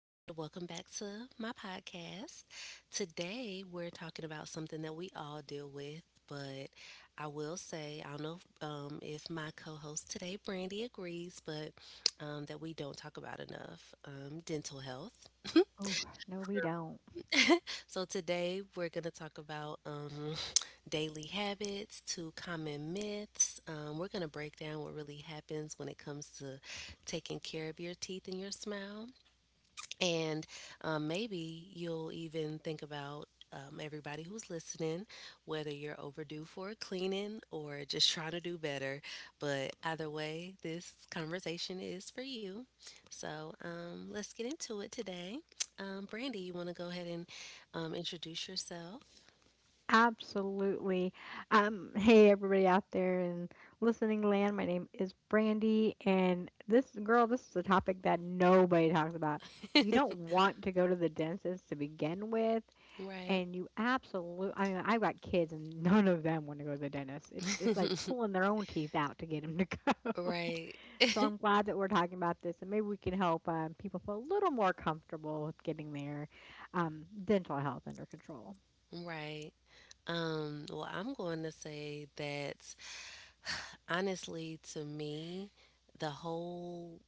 and welcome back to my podcast. Today, we're talking about something that we all deal with, but I will say, I don't know if my co host today, Brandy, agrees, but that we don't talk about enough dental health. Oh, no, we don't. So, today, we're going to talk about daily habits to common myths. We're going to break down what really happens when it comes to taking care of your teeth and your smile. And maybe you'll even think about everybody who's listening, whether you're overdue for a cleaning or just trying to do better. But either way, this conversation is for you. So let's get into it today. Brandy, you want to go ahead and introduce yourself? Absolutely. Hey, everybody out there in listening land, my name is Brandy, and this girl, this is a topic that nobody talks about. You don't want to go to the dentist to begin with, Right, and you absolutely, I mean, I've got kids, and none of them want to go to the dentist. It's like pulling their own teeth out to get them to go. right, So I'm glad that we're talking about this, and maybe we can help people feel a little more comfortable with getting their dental health under control. right. Well, I'm going to say that honestly, to me, the whole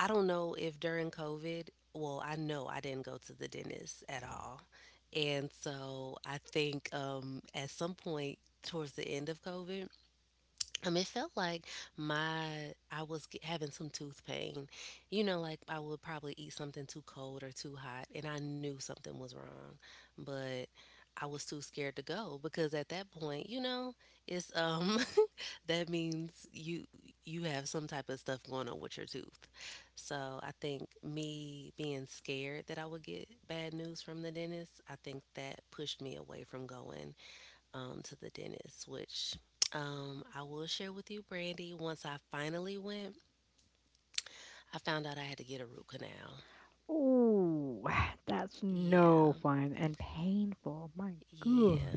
I don't know if during COVID, well, I know I didn't go to the dentist at all. And so I think at some point towards the end of COVID, it felt like my I was g having some tooth pain. You know, like I would probably eat something too cold or too hot, and I knew something was wrong, but I was too scared to go because at that point, you know, it's that means you have some type of stuff going on with your tooth. So I think me being scared that I would get bad news from the dentist, I think that pushed me away from going to the dentist, which I will share with you, Brandy. Once I finally went, I found out I had to get a root canal. Ooh, that's Yeah, no fun and painful. My yeah, God.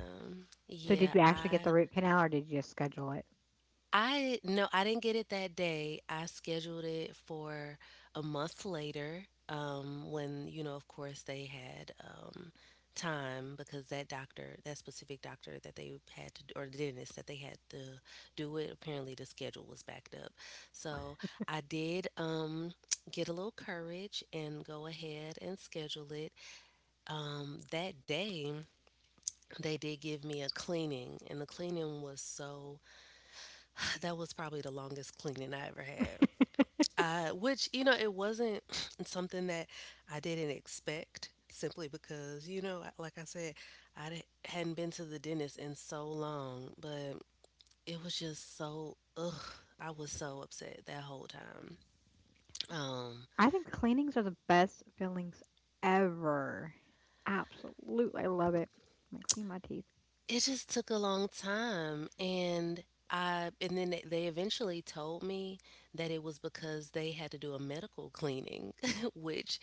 So, yeah. did you actually get I the root canal or did you just schedule it? I no, I didn't get it that day. I scheduled it for a month later, when, you know, of course they had time because that doctor, that specific doctor that they had to or the dentist that they had to do it, apparently the schedule was backed up. So I did get a little courage and go ahead and schedule it. That day they did give me a cleaning and the cleaning was so that was probably the longest cleaning I ever had. Which, you know, it wasn't something that I didn't expect simply because, you know, like I said, hadn't been to the dentist in so long, but it was just so, I was so upset that whole time. Um, I think cleanings are the best feelings ever. Absolutely. I love it. I'm gonna clean my teeth. It just took a long time and I and then they eventually told me that it was because they had to do a medical cleaning, which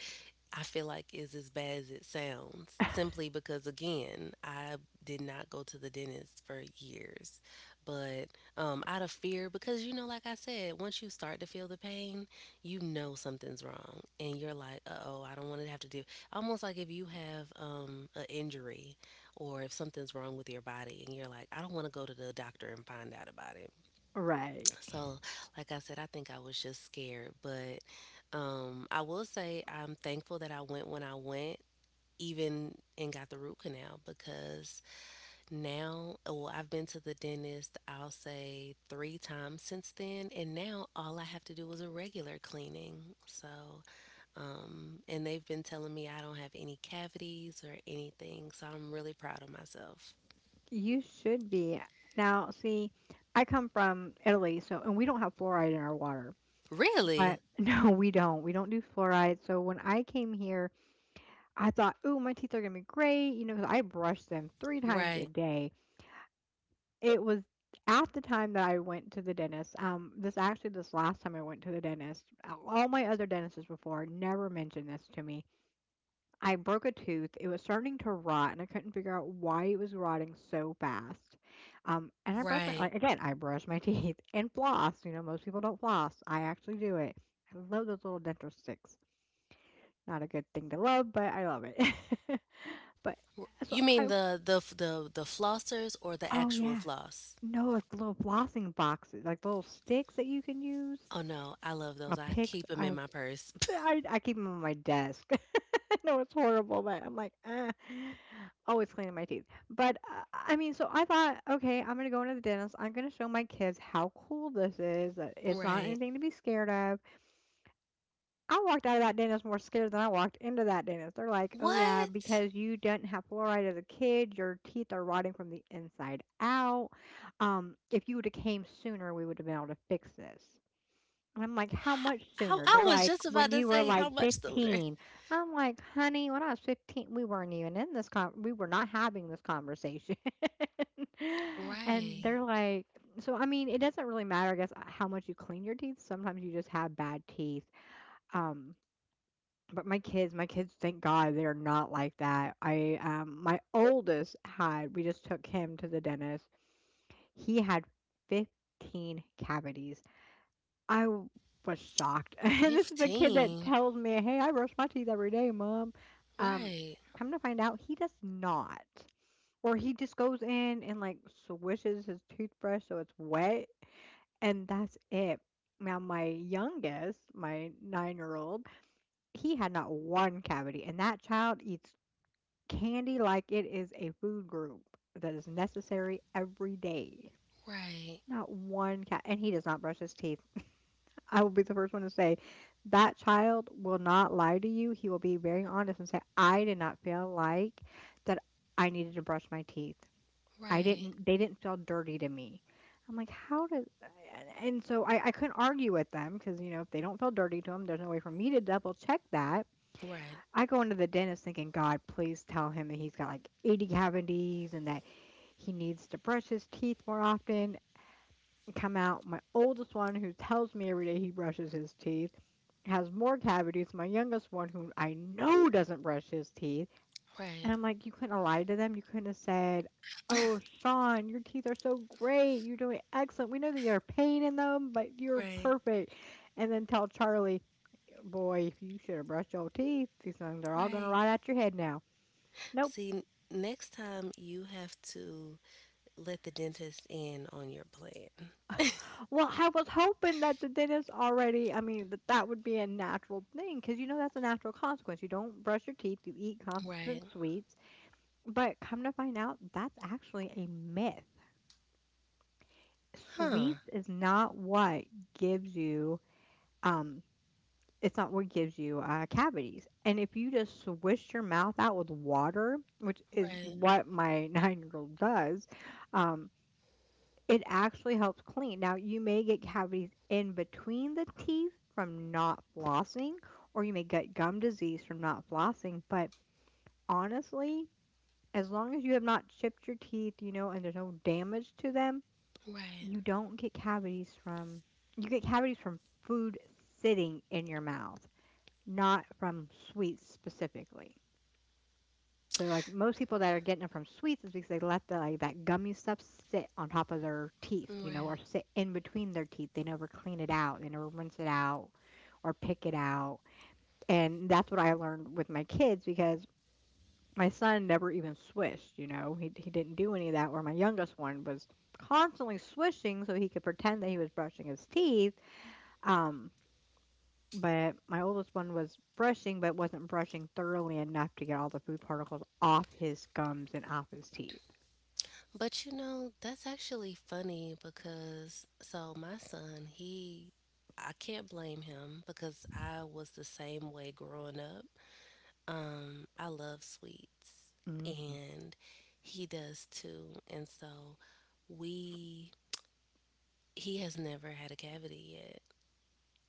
I feel like is as bad as it sounds, simply because again, I did not go to the dentist for years. But out of fear because you know like I said, once you start to feel the pain, you know something's wrong and you're like, "Uh-oh, I don't want to have to do." Almost like if you have an injury or if something's wrong with your body and you're like, I don't want to go to the doctor and find out about it. Right. So, like I said, I think I was just scared, but I will say I'm thankful that I went when I went, even and got the root canal because now, well, I've been to the dentist, I'll say three times since then, and now all I have to do is a regular cleaning. So, and they've been telling me I don't have any cavities or anything, so I'm really proud of myself. You should be. Now, see, I come from Italy, so, and we don't have fluoride in our water. But Really? no, we don't. We don't do fluoride. So when I came here, I thought, "Ooh, my teeth are gonna be great," you know, 'cause I brush them 3 times a Right, day. It was at the time that I went to the dentist, this actually this last time I went to the dentist, all my other dentists before never mentioned this to me. I broke a tooth, it was starting to rot, and I couldn't figure out why it was rotting so fast. And I brushed my right. like, again, I brush my teeth and floss, you know, most people don't floss, I actually do it. I love those little dental sticks. Not a good thing to love, but I love it. But so You mean I the flossers or the Oh, actual yeah. floss? No, like little flossing boxes, like little sticks that you can use. Oh no, I love those. A I pick. keep them I, in my purse. I, I keep them on my desk. I know it's horrible, but I'm like, ah, always cleaning my teeth. But I mean, so I thought, okay, I'm gonna go into the dentist. I'm gonna show my kids how cool this is. That It's not Right. anything to be scared of. I walked out of that dentist more scared than I walked into that dentist. They're like, oh, yeah, What? because you didn't have fluoride as a kid, your teeth are rotting from the inside out. If you would have came sooner, we would have been able to fix this. And I'm like, how much How sooner? I They're was like, just about when to you were say how like much sooner. 15. I'm like, honey, when I was 15, we weren't even in this we were not having this conversation. And Right. they're like, so I mean, it doesn't really matter, I guess, how much you clean your teeth. Sometimes you just have bad teeth. Um, but my kids, thank God, they're not like that. My oldest had we just took him to the dentist. He had 15 cavities. I w was shocked. And this is the kid that 15. tells me, "Hey, I brush my teeth every day, mom." Um, Right. come to find out, he does not. Or he just goes in and, like, swishes his toothbrush so it's wet, and that's it. Now my youngest, my nine-year-old he had not one cavity, and that child eats candy like it is a food group that is necessary every day. Right. Not one cat, and he does not brush his teeth. I will be the first one to say that child will not lie to you. He will be very honest and say, I did not feel like that I needed to brush my teeth. I Right. didn't, they didn't feel dirty to me. I'm like, and so I couldn't argue with them because, you know, if they don't feel dirty to them, there's no way for me to double check that. Right. I go into the dentist thinking, God, please tell him that he's got like 80 cavities and that he needs to brush his teeth more often. And come out, my oldest one, who tells me every day he brushes his teeth, has more cavities. My youngest one, who I know doesn't brush his teeth. Right. And I'm like, you couldn't have lied to them. You couldn't have said, oh, Sean, your teeth are so great. You're doing excellent. We know that you're pain in them, but you're Right. perfect. And then tell Charlie, boy, you should have brushed your teeth. These things are all going to Right. rot out your head now. Nope. See, next time you have to let the dentist in on your plan. Well, I was hoping that the dentist already, I mean, that would be a natural thing because you know that's a natural consequence. You don't brush your teeth, you eat constant Right. sweets. But come to find out, that's actually a myth. Huh. Sweets is not what gives you, um, it's not what gives you cavities. And if you just swish your mouth out with water, which is Right. what my 9-year old does, um, it actually helps clean. Now, you may get cavities in between the teeth from not flossing, or you may get gum disease from not flossing, but honestly, as long as you have not chipped your teeth, you know, and there's no damage to them, Right. you don't get cavities from you get cavities from food sitting in your mouth, not from sweets specifically. So like most people that are getting it from sweets is because they let the like that gummy stuff sit on top of their teeth, you know, or Right. sit in between their teeth. They never clean it out, they never rinse it out or pick it out. And that's what I learned with my kids because my son never even swished, you know. He didn't do any of that where my youngest one was constantly swishing so he could pretend that he was brushing his teeth. Um but my oldest one was brushing, but wasn't brushing thoroughly enough to get all the food particles off his gums and off his teeth. But you know, that's actually funny because so my son, he I can't blame him because I was the same way growing up. I love sweets hmm and he does too. And so we he has never had a cavity.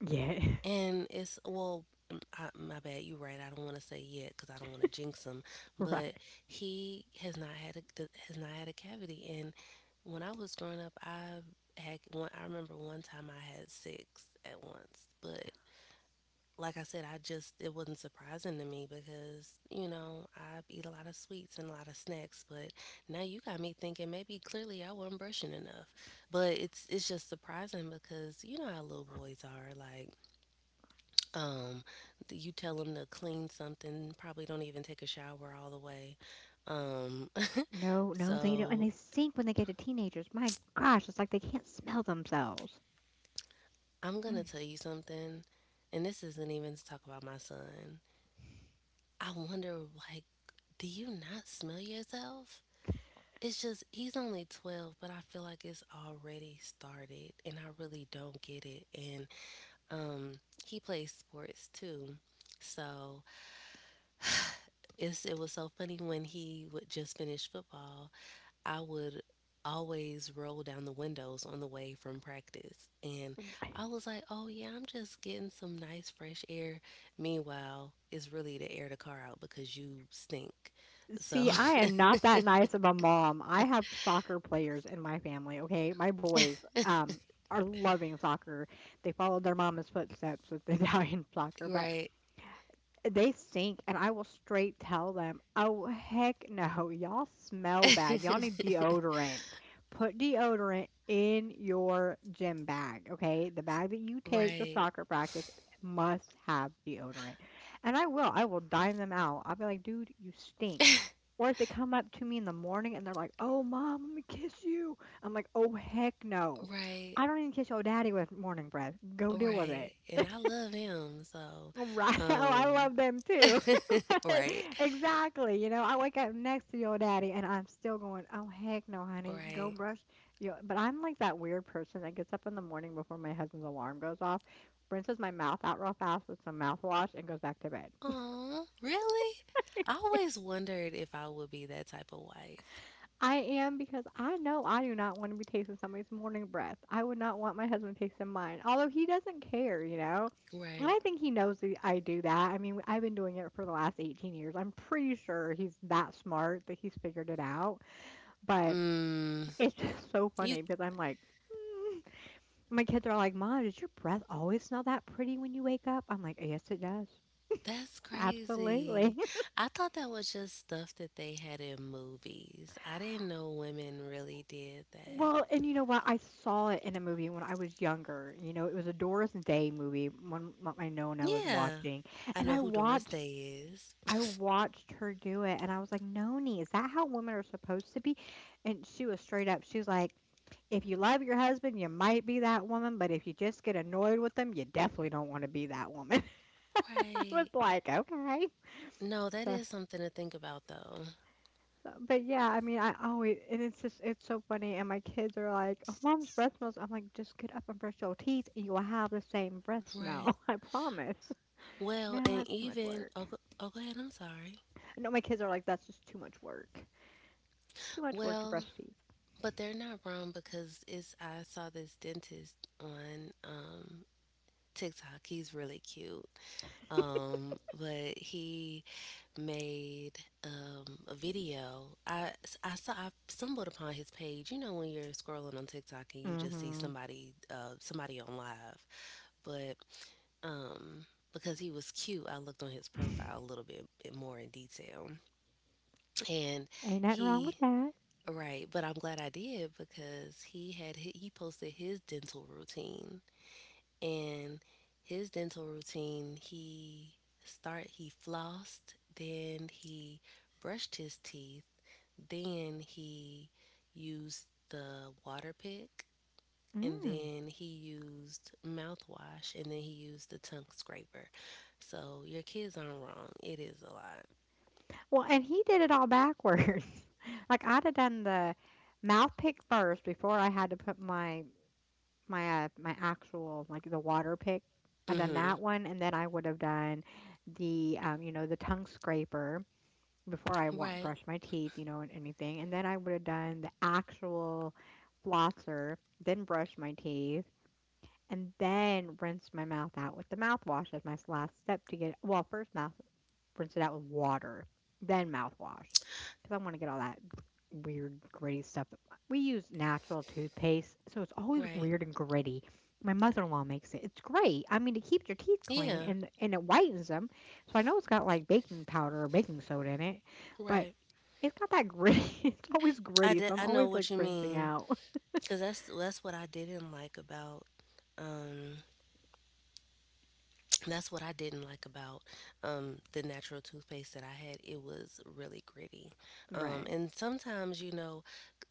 Yeah, And I, my bad. You're right. I don't want to say yet because I don't want to jinx him. But right. he has not had a has not had a cavity. And when I was growing up, I had one. I remember one time I had six at once. But like I said, I just it wasn't surprising to me because you know I eat a lot of sweets and a lot of snacks. But now you got me thinking maybe clearly I wasn't brushing enough. But it's just surprising because you know how little boys are like um, you tell them to clean something, probably don't even take a shower all the way. Um, No, no, they don't. And so they stink when they get to teenagers. My gosh, it's like they can't smell themselves. I'm Mm. gonna tell you something, and this isn't even to talk about my son. I wonder, like, do you not smell yourself? It's just he's only 12, but I feel like it's already started, and I really don't get it. And um, he plays sports too. So it was so funny when he would just finish football. I would always roll down the windows on the way from practice. And I was like, oh, yeah, I'm just getting some nice fresh air. Meanwhile, it's really to air the car out because you stink. So, See, I am not that nice of a mom. I have soccer players in my family, okay? My boys are loving soccer. They followed their mama's footsteps with the Italian soccer, but right, they stink, and I will, straight tell them "Oh heck no. y'all smell bad. Y'all need deodorant. Put deodorant in your gym bag, okay? The bag that you take to right, soccer practice must have deodorant." And I will dime them out. I'll be like, "Dude, you stink." Or if they come up to me in the morning and they're like, "Oh mom, let me kiss you," I'm like, "Oh heck no." right, I don't even kiss your daddy with morning breath. Go deal with right. it. And I love him. So, Right. Oh, I um, love them too. But right, exactly. You know, I wake up next to your daddy and I'm still going, oh, heck no, honey, go right. brush your. But I'm like that weird person that gets up in the morning before my husband's alarm goes off, rinses my mouth out real fast with some mouthwash, and goes back to bed. Oh, really? I always wondered if I would be that type of wife. I am because I know I do not want to be tasting somebody's morning breath. I would not want my husband tasting mine, although he doesn't care, you know. And Right. I think he knows that I do that. I mean, I've been doing it for the last 18 years. I'm pretty sure he's that smart that he's figured it out. But Mm, it's just so you funny because I'm like, "Mm." My kids are like, mom, does your breath always smell that pretty when you wake up? I'm like, yes, it does. that's crazy. Absolutely. I thought that was just stuff that they had in movies. I didn't know women really did that. Well, and you know what? I saw it in a movie when I was younger. You know, it was a Doris Day movie, one that I know and I was Yeah. watching. I And know I who Doris watched Day is. I watched her do it and I was like, Noni, is that how women are supposed to be? And she was straight up, she was like, if you love your husband, you might be that woman, but if you just get annoyed with them, you definitely don't want to be that woman. I was Right. like, okay. No, that is something to think about though. So, but yeah, I mean, I always, and it's just, it's so funny. And my kids are like, oh, mom's breath smells. I'm like, just get up and brush your teeth and you will have the same breath smell. Right. I promise. Well, No, and that's too much even work. oh, go, oh, go ahead. I'm sorry. No, my kids are like, that's just too much work. Too much work to Well, brush teeth. but they're not wrong because it's I saw this dentist on TikTok. He's really cute. But he made a video. I stumbled upon his page. You know when you're scrolling on TikTok and you just see Mm-hmm. Somebody on live, but um, because he was cute, I looked on his profile a little bit more in detail, and Ain't nothing wrong he with that. right. But I'm glad I did because he posted his dental routine and his dental routine he flossed then he brushed his teeth. Then he used the water pick, and Mm. then he used mouthwash, and then he used the tongue scraper. So your kids aren't wrong. It is a lot. Well, and he did it all backwards. Like I'd have done the mouth pick first before I had to put my my actual like the water pick. I done Mm-hmm. that one, and then I would have done the the tongue scraper before I Right. brushed my teeth, you know, and anything. And then I would have done the actual flosser, then brush my teeth, and then rinse my mouth out with the mouthwash as my last step to get well, first mouthwash, rinse it out with water, then mouthwash. Because I want to get all that weird, gritty stuff. We use natural toothpaste, so it's always Right. weird and gritty. My mother in law makes it. It's great. I mean, it keeps your teeth clean Yeah. and it whitens them. So I know it's got like baking powder or baking soda in it, but Right. it's got that gritty. It's always gritty, so I'm I know always like what you rinsing mean out. because that's what I didn't like about um that's what I didn't like about the natural toothpaste that I had. It was really gritty, Right. and sometimes you know,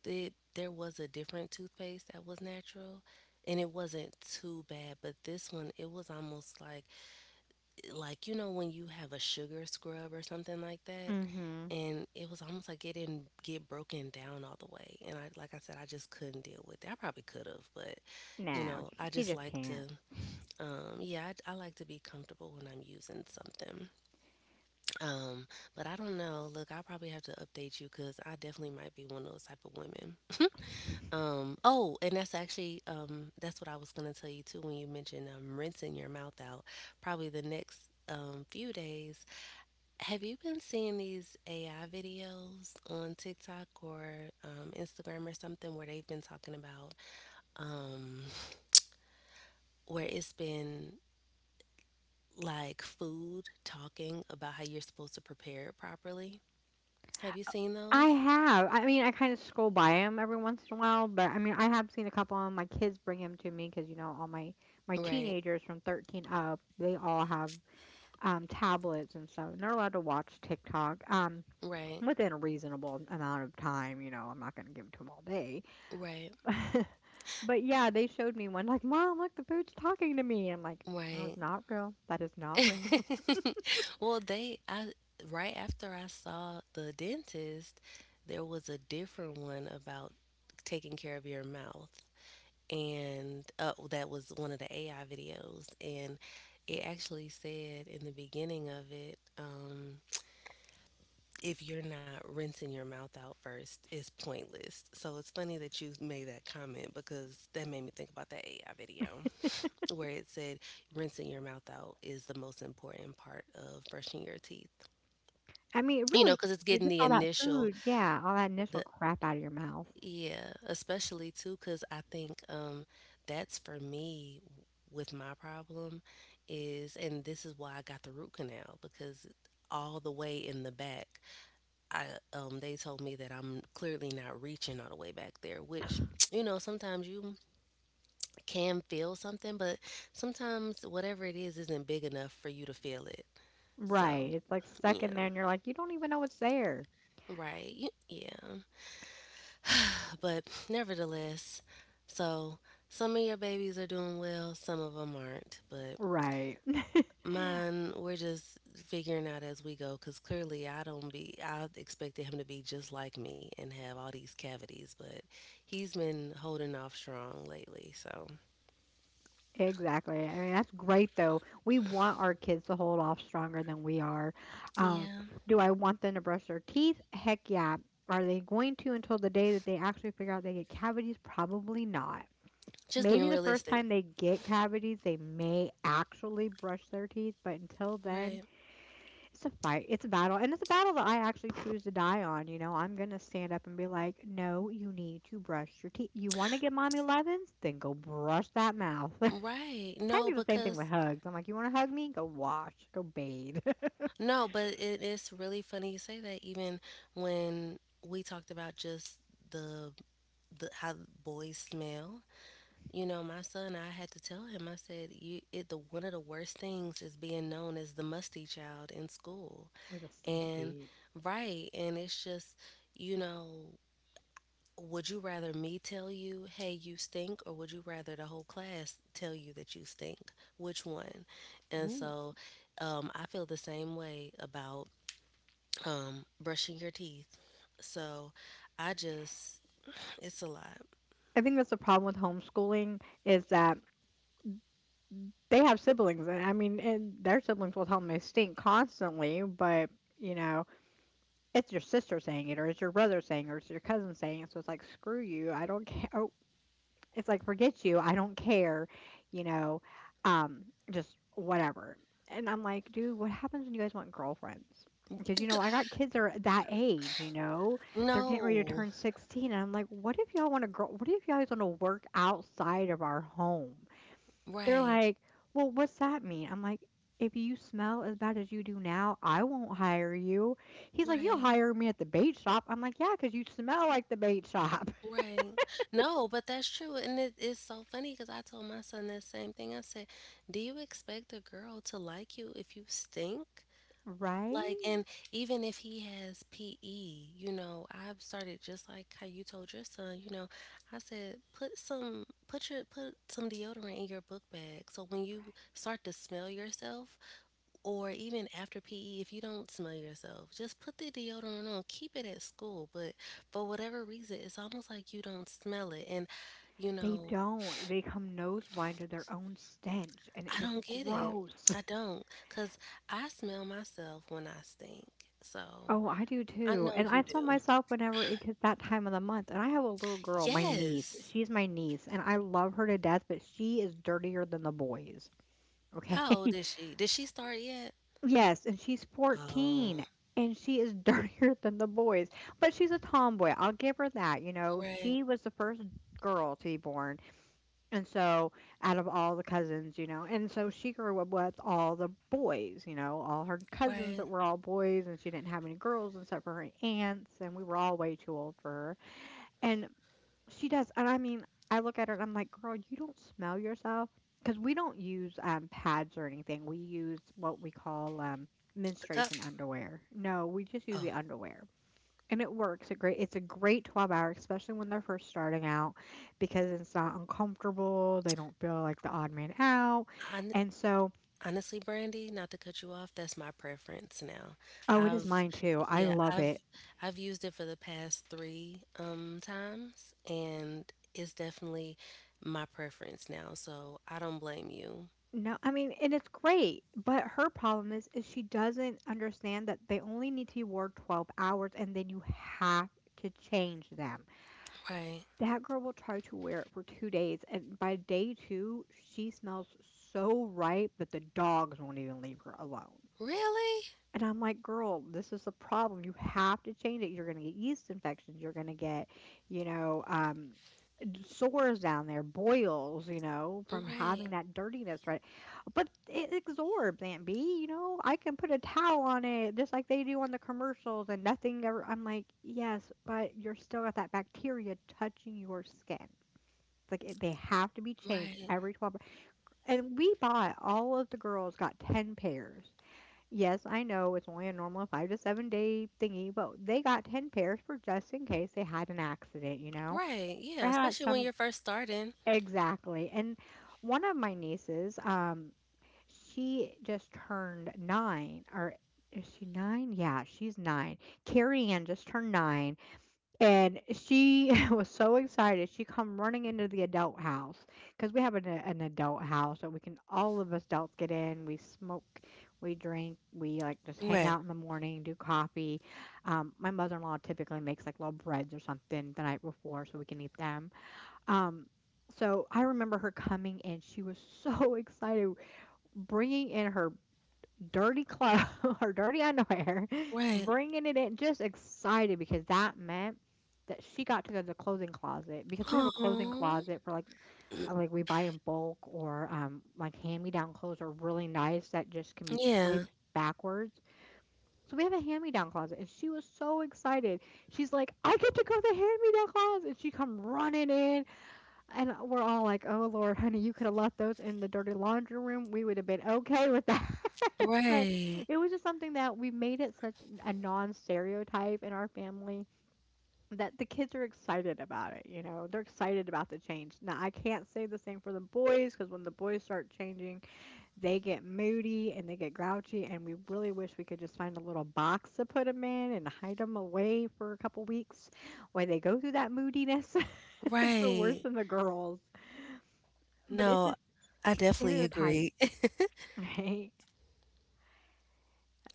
there was a different toothpaste that was natural, and it wasn't too bad. But this one, it was almost like you know when you have a sugar scrub or something like that. Mm hmm. And it was almost like it didn't get broken down all the way. And I, like I said, I just couldn't deal with it. I probably could have, but you No, know, you, I you just just like to can't. Yeah, I like to be comfortable when I'm using something. Um, but I don't know. Look, I probably have to update you because I definitely might be one of those type of women. Oh, and that's actually that's what I was gonna tell you too when you mentioned rinsing your mouth out. Probably the next few days. Have you been seeing these AI videos on TikTok or Instagram or something where they've been talking about um, where it's been like food talking about how you're supposed to prepare it properly. Have you seen I those? have. I mean, I kind of scroll by him every once in a while, but I mean, I have seen a couple of 'em. My kids bring him to me because you know, all my Right, teenagers from 13 up, they all have tablets and stuff, and they're allowed to watch TikTok right, within a reasonable amount of time. You know, I'm not going to give it to them all day, right, but yeah, they showed me one like, "Mom, look, the food's talking to me." I'm like, "That right. was not real. That is not real." Well, they, I, right after I saw the dentist, there was a different one about taking care of your mouth. And that was one of the AI videos. And it actually said in the beginning of it, if you're not rinsing your mouth out first, it's pointless. So it's funny that you made that comment because that made me think about that AI video where it said rinsing your mouth out is the most important part of brushing your teeth. I mean, it You know, really, because it's they getting the just all that initial, food, yeah, all that the initial crap out of your mouth. yeah, especially too, because I think that's for me with my problem is, and this is why I got the root canal because all the way in the back I they told me that I'm clearly not reaching all the way back there, which you know, sometimes you can feel something, but sometimes whatever it is isn't big enough for you to feel it. So, Right. It's like stuck yeah. in there and you're like, you don't even know it's there. Right. Yeah. But nevertheless, so some of your babies are doing well, some of them aren't, but Right. mine, we're just figuring out as we go because clearly I don't be, I expected him to be just like me and have all these cavities, but he's been holding off strong lately. So, Exactly. I mean, that's great though. We want our kids to hold off stronger than we are. Um, yeah, do I want them to brush their teeth? Heck yeah. Are they going to until the day that they actually figure out they get cavities? Probably not. just Maybe being the first realistic. time they get cavities, they may actually brush their teeth, but until then, Right. it's a fight. It's a battle. And it's a battle that I actually choose to die on. You know, I'm going to stand up and be like, no, you need to brush your teeth. You want to get mommy lovin's? Then go brush that mouth. Right. Kind of No, the same thing with because, hugs. I'm like, you want to hug me? Go wash, go bathe. no, but it is really funny you say that even when we talked about just the, the how boys smell. You know, my son, I had to tell him, I said, you, it, the one of the worst things is being known as the musty child in school. Or the stinky And kid. right, and it's just, you know, would you rather me tell you, hey, you stink, or would you rather the whole class tell you that you stink? Which one? And Ooh. so, I feel the same way about brushing your teeth. So, I just, it's a lot. I think that's the problem with homeschooling is that they have siblings. And I mean, and their siblings will tell them they stink constantly. But you know, it's your sister saying it, or it's your brother saying it, or it's your cousin saying it. So it's like, screw you. I don't care. Oh, it's like, "Forget you, I don't care," you know, um, just whatever. And I'm like, "Dude, what happens when you guys want girlfriends?" Because, you know, I got kids that are that age, you know? They're getting ready to No, turn 16, and I'm like, "What if y'all want to girl what if y'all want to work outside of our home?" They're right, like, "Well, what's that mean?" I'm like, "If you smell as bad as you do now, I won't hire you." He's like, "You'll right. hire me at the bait shop." I'm like, "Yeah, 'cause you smell like the bait shop." Right. No, but that's true. And it is so funny because I told my son the same thing. I said, do you expect a girl to like you if you stink? Right? Right. Like, and even if he has PE, you know, I've started just like how you told your son, you know, I said, put some deodorant in your book bag. So when you start to smell yourself, or even after PE, if you don't smell yourself, just put the deodorant on. Keep it at school. But for whatever reason, it's almost like you don't smell it. And, you They know, don't. They come nose blind to their own stench, and it I is don't get it. gross. I don't. Because I smell myself when I stink. So Oh, I do I too. know And I you saw do. myself whenever it gets that time of the month. And I have a little girl, my niece. Yes. She's my niece, and I love her to death, but she is dirtier than the boys. Okay. How old is she? Did she start yet? Yes, and she's Oh, 14, and she is dirtier than the boys. But she's a tomboy. I'll give her that. You know, right, she was the first girl to be born. And so, out of all the cousins, you know, and so she grew up with all the boys, you know, all her cousins right. that were all boys, and she didn't have any girls except for her aunts, and we were all way too old for her. And she does, and I mean, I look at her and I'm like, girl, you don't smell yourself. Because we don't use pads or anything. We use what we call The cup. menstruation underwear. No, we just use the Oh, underwear. And it works. A great it's a great 12-hour, especially when they're first starting out because it's not uncomfortable. They don't feel like the odd man out. I And so, Honestly, Brandy, not to cut you off, that's my preference now. oh, it is I've mine too. I yeah, love I've it. I've used it for the past three times and it's definitely my preference now, so I don't blame you. No, I mean, and it's great, but her problem is she doesn't understand that they only need to be wore 12 hours and then you have to change them. Right. That girl will try to wear it for 2 days, and by day 2, she smells so ripe that the dogs won't even leave her alone. Really? And I'm like, girl, this is a problem. You have to change it. You're going to get yeast infections. You're going to get, you know, sores down there, boils, you know, from having Right, that dirtiness, right? But it absorbs, Aunt B. You know, I can put a towel on it just like they do on the commercials and nothing ever. I'm like, yes, but you're still got that bacteria touching your skin. It's like it, they have to be changed right, every 12. And we bought all of the girls got 10 pairs. Yes, I know it's only a normal 5 to 7 day thingy, but they got 10 pairs for just in case they had an accident, you know, right. Yeah, or had especially when some. you're first starting. Exactly. And one of my nieces, she just turned nine, or is she nine? Yeah, she's nine. Carrie Ann just turned nine. And she was so excited. She come running into the adult house because we have an adult house that we can all of us adults get in. We smoke, we drink, we like just hang Right, out in the morning, do coffee. My mother-in-law typically makes like little breads or something the night before so we can eat them. Um, so I remember her coming in. She was so excited, bringing in her dirty clothes or dirty underwear, right. bringing it in, just excited because that meant that she got to go to the clothing closet because we have a clothing Oh, closet for like we buy in bulk or like hand-me-down clothes are really nice that just can be yeah, placed backwards. So we have a hand-me-down closet and she was so excited. She's like, "I get to go to the hand-me-down closet." And she come running in and we're all like, "Oh Lord, honey, you could have left those in the dirty laundry room. We would have been okay with that." But right, it was just something that we made it such a non-stereotype in our family that the kids are excited about it, you know. They're excited about the change. Now, I can't say the same for the boys because when the boys start changing, they get moody and they get grouchy, and we really wish we could just find a little box to put them in and hide them away for a couple weeks while they go through that moodiness. They're worse right. than the girls. But it's No, just I definitely stereotype, agree. right?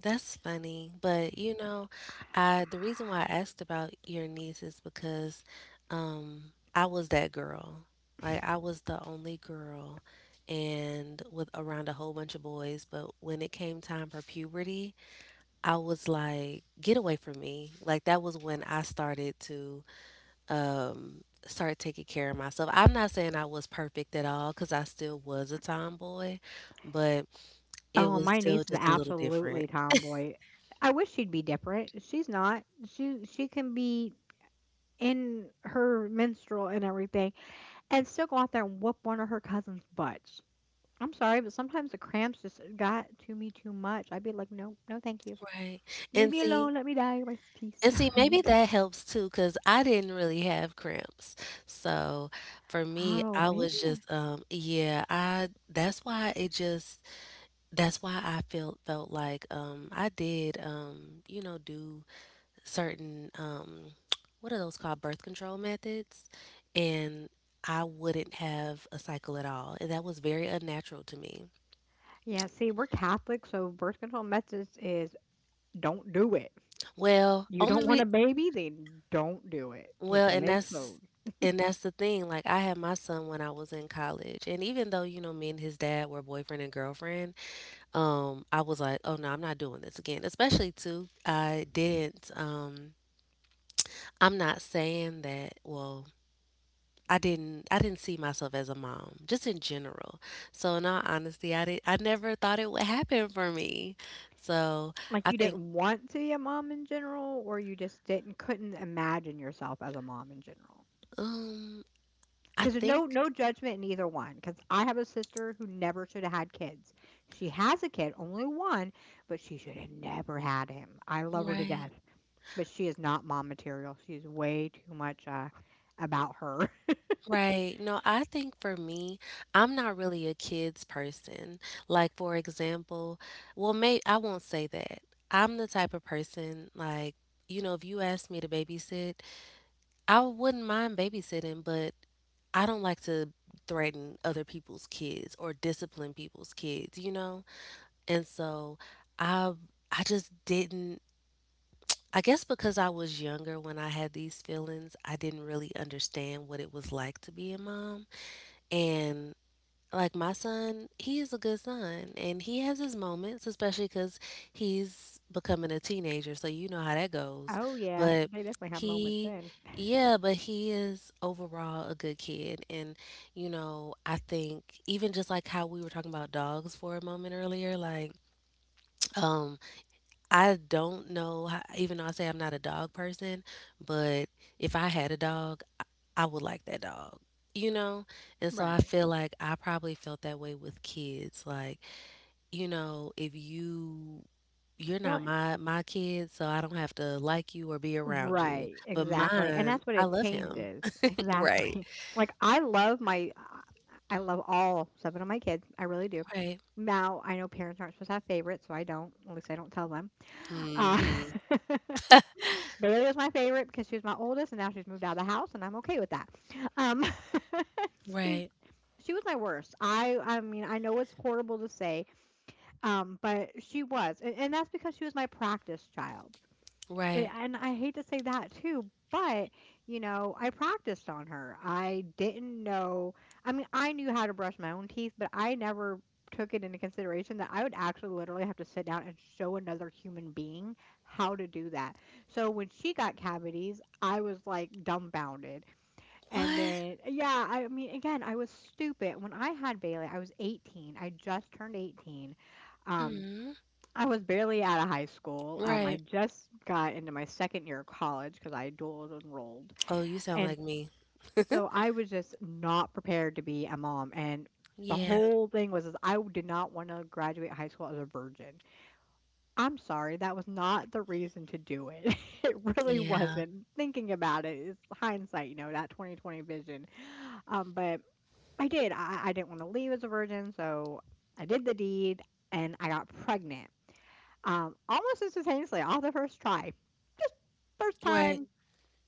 That's funny, but you know, I the reason why I asked about your niece is because I was that girl. Like I was the only girl and with around a whole bunch of boys, but when it came time for puberty, I was like, get away from me. Like that was when I started to start taking care of myself. I'm not saying I was perfect at all cuz I still was a tomboy, but it Oh, was my still niece is just a little different. absolutely tomboy. I wish she'd be different. She's not. She can be in her menstrual and everything, and still go out there and whoop one of her cousins' butts. I'm sorry, but sometimes the cramps just got to me too much. I'd be like, no, no, thank you. Right. Leave And me see, alone. Let me die. Rest in peace. and see, maybe that helps too, because I didn't really have cramps. So for me, Oh, I maybe. was I- just, yeah, that's why it just, that's why I felt like, I did, you know, do certain, what are those called? Birth control methods. And I wouldn't have a cycle at all. And that was very unnatural to me. Yeah. See, we're Catholic, so birth control methods is don't do it. Well, You don't want only a baby, then don't do it. well, Keep your legs low. and that's the thing. Like I had my son when I was in college, and even though, you know, me and his dad were boyfriend and girlfriend, I was like, "Oh no, I'm not doing this again." Especially too, I'm not saying that, well, I didn't see myself as a mom, just in general. So in all honesty, I never thought it would happen for me. So, Like, I you think didn't want to be a mom in general, or you just didn't couldn't imagine yourself as a mom in general. um I Because there's think no judgment in either one. Because I have a sister who never should have had kids. She has a kid, only one, but she should have never had him. I love her to right. death, but she is not mom material. She's way too much, about her. Right. No, I think for me, I'm not really a kids person. Like for example, well, may I won't say that. I'm the type of person like, you know, if you ask me to babysit, I wouldn't mind babysitting, but I don't like to threaten other people's kids or discipline people's kids, you know? And so I I just didn't I guess because I was younger when I had these feelings, I didn't really understand what it was like to be a mom. And like my son, he is a good son and he has his moments, especially because he's becoming a teenager. So you know how that goes. Oh, yeah, But they definitely have moments he, then. yeah, but he is overall a good kid. And, you know, I think even just like how we were talking about dogs for a moment earlier, like, I don't know, how, even though I say I'm not a dog person, but if I had a dog, I would like that dog, you know? And so I Right. feel like I probably felt that way with kids. Like, you know, if you you're not Well, my kid, so I don't have to like you or be around you. right, But exactly, and mine, that's what I it love him. changes, Right. exactly. Like, I love my I love all 7 of my kids, I really do. Right. Now, I know parents aren't supposed to have favorites, so I don't, at least I don't tell them. Uh, Mm-hmm. Bailey was my favorite because she was my oldest, and now she's moved out of the house, and I'm okay with that. Um, she, Right. she was my worst. I mean, I know it's horrible to say, but she was, and that's because she was my practice child. Right. Yeah, and I hate to say that too, but I practiced on her. I didn't know. I mean, I knew how to brush my own teeth, but I never took it into consideration that I would actually literally have to sit down and show another human being how to do that. So when she got cavities, I was like dumbfounded. And What? then, yeah, I mean, again, I was stupid. When I had Bailey, I was 18. I just turned 18. Um, Mm-hmm. I was barely out of high school. I Right. just got into my second year of college because I dual enrolled. Oh, you sound like And me. so I was just not prepared to be a mom. And the Yeah. whole thing was is I did not want to graduate high school as a virgin. I'm sorry, that was not the reason to do it. It really Yeah. wasn't. Thinking about it, it's hindsight, you know, that 2020 vision. But I did. I didn't want to leave as a virgin, so I did the deed and I got pregnant almost instantaneously off the first try. Just first Right. time,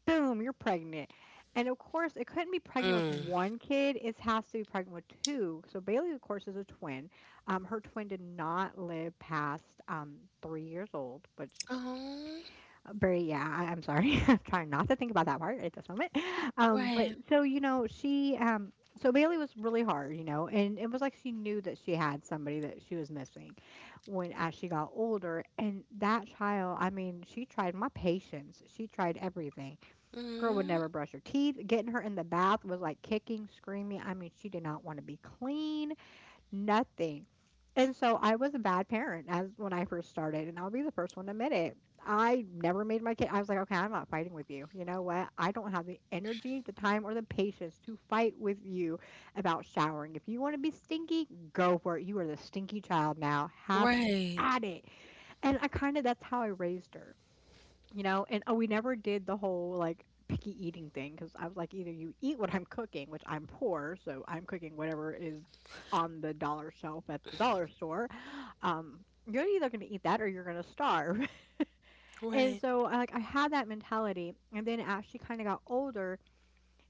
boom, you're pregnant. And of course, it couldn't be pregnant with Mm. one kid. It has to be pregnant with two. So Bailey, of course, is a twin. Her twin did not live past 3 years old, which Oh, very, yeah, I'm sorry. I'm trying not to think about that part at this moment. But right. so, you know, she, so Bailey was really hard, you know, and it was like she knew that she had somebody that she was missing when as she got older. And that child, I mean, she tried my patience. She tried everything. Girl would Mm. never brush her teeth. Getting her in the bath was like kicking, screaming. I mean, she did not want to be clean nothing. And so I was a bad parent as when I first started, and I'll be the first one to admit it. I never made my kid. I was like, okay, I'm not fighting with you. You know what? I don't have the energy, the time, or the patience to fight with you about showering. If you want to be stinky, go for it. You are the stinky child now. Have Right. at it. And I kind of that's how I raised her, you know. And oh, we never did the whole like picky eating thing because I was like either you eat what I'm cooking, which I'm poor, so I'm cooking whatever is on the dollar shelf at the dollar store, um you're either going to eat that or you're going to starve. Right. And so I, like I had that mentality, and then as she kind of got older,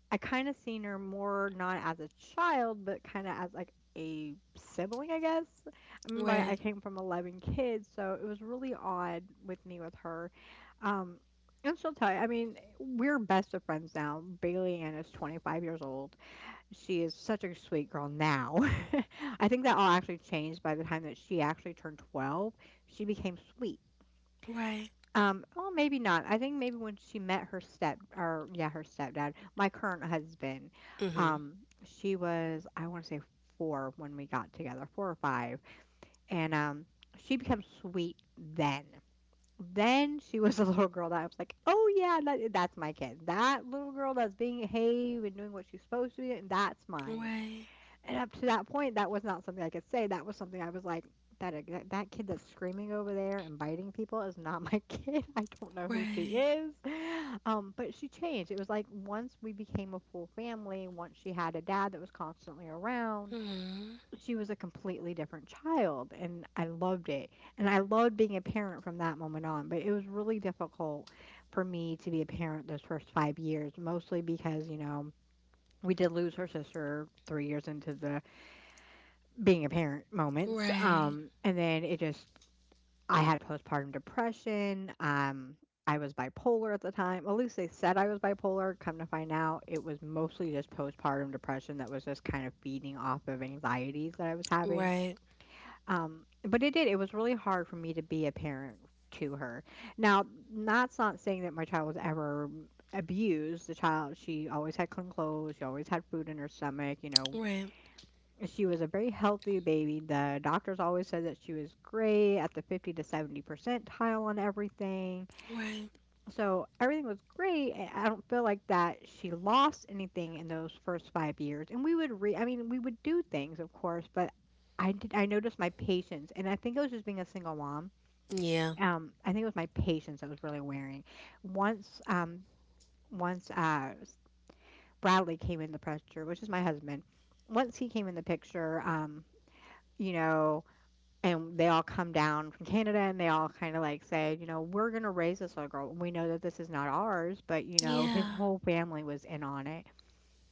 I kinda seen her more not as a child, but kinda as, like, a sibling, I guess? I remember I Right. came from 11 kids, so it was really odd with me with her, um, and she'll tell you, I mean, we're best of friends now. Bailey Ann is 25 years old. She is such a sweet girl now. I think that all actually changed by the time that she actually turned 12. She became sweet. Right. Well, maybe not. I think maybe when she met her step or yeah, her stepdad, my current husband, Mm-hmm. um, she was, I want to say four when we got together, four or five. And she became sweet then. Then she was a little girl that I was like, oh yeah, that's my kid. That little girl that's being behaved and doing what she's supposed to be doing, that's mine. Right. And up to that point, that was not something I could say. That was something I was like, that kid that's screaming over there and biting people is not my kid. I don't know who she Right. is. But she changed. It was like once we became a full family, once she had a dad that was constantly around, Mm-hmm. she was a completely different child, and I loved it. And I loved being a parent from that moment on. But it was really difficult for me to be a parent those first 5 years, mostly because you know we did lose her sister 3 years into the being a parent moments. Right. And then it just, I had postpartum depression. I was bipolar at the time. At least they said I was bipolar. Come to find out, it was mostly just postpartum depression that was just kind of feeding off of anxieties that I was having. Right. But it did. It was really hard for me to be a parent to her. Now, that's not saying that my child was ever abused. The child, she always had clean clothes. She always had food in her stomach. You know, Right. she was a very healthy baby. The doctors always said that she was great at the 50 to 70 percentile on everything. Right. So everything was great. And I don't feel like that she lost anything in those first 5 years. And we would re, I mean, we would do things, of course, but I did, I noticed my patience. And I think it was just being a single mom. Yeah. I think it was my patience that was really wearing. Once, um, once, uh, Bradley came in the picture, which is my husband. Once he came in the picture, you know, and they all come down from Canada and they all kind of like say, you know, we're going to raise this little girl. And we know that this is not ours, but you know, his Yeah. whole family was in on it.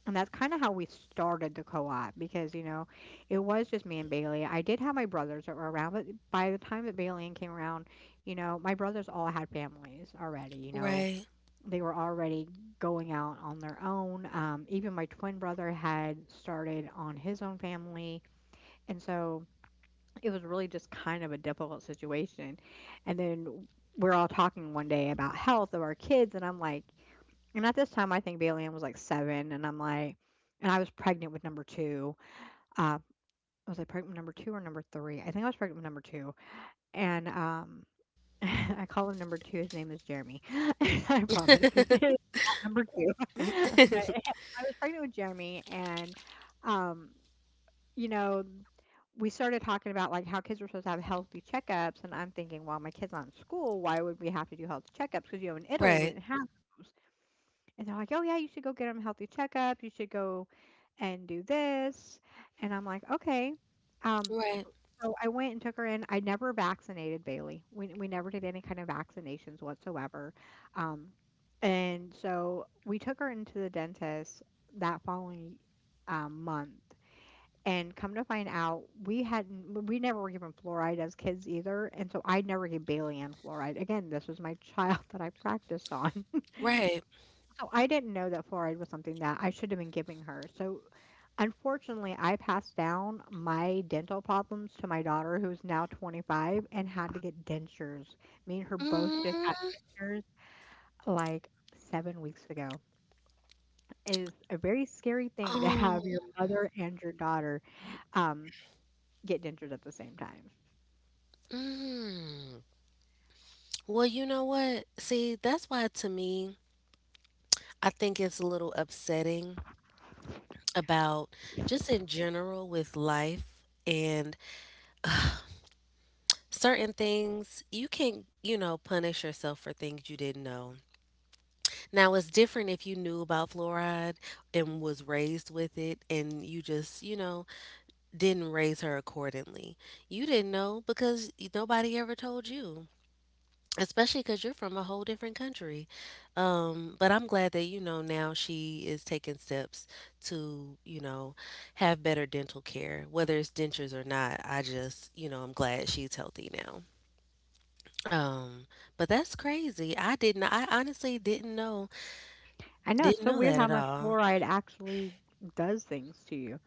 And that's kind of how we started the co op because, you know, it was just me and Bailey. I did have my brothers that were around, but by the time that Bailey and came around, you know, my brothers all had families already, you know, Right. they were already going out on their own. Even my twin brother had started on his own family. And so it was really just kind of a difficult situation. And then we're all talking one day about health of our kids, and I'm like, and at this time I think Bailey Ann was like seven, and I'm like, and I was pregnant with number two. Uh, was I pregnant with number two or number three? I think I was pregnant with number two, and I call him number two. His name is Jeremy. I promise his name is not number two, but I was pregnant with Jeremy, and um, you know we started talking about like how kids were supposed to have healthy checkups, and I'm thinking well my kid's not in school, why would we have to do health checkups, because you know in Italy we Right. didn't have those. And they're like oh yeah you should go get them healthy checkups, you should go and do this. And I'm like okay. um Right. so I went and took her in. I never vaccinated Bailey. We never did any kind of vaccinations whatsoever. um and so we took her into the dentist that following month, and come to find out, we hadn't, we never were given fluoride as kids either. And so I never gave Bailey Ann fluoride. Again, this was my child that I practiced on. Right. So I didn't know that fluoride was something that I should have been giving her. So unfortunately, I passed down my dental problems to my daughter, who's now 25 and had to get dentures. Me and her both just got Mm. dentures like 7 weeks ago. It is a very scary thing to Oh. have your mother and your daughter um, get dentures at the same time. Mm. Well, you know what? See, that's why to me, I think it's a little upsetting about just in general with life and certain things you can, you know, punish yourself for things you didn't know. Now it's different if you knew about fluoride and was raised with it and you just, you know, didn't raise her accordingly. You didn't know because nobody ever told you, especially because you're from a whole different country. But I'm glad that, you know, now she is taking steps to, you know, have better dental care, whether it's dentures or not. I just, you know, I'm glad she's healthy now. Um, but that's crazy. I honestly didn't know, I know it's didn't so know weird that how at much all. fluoride actually does things to you.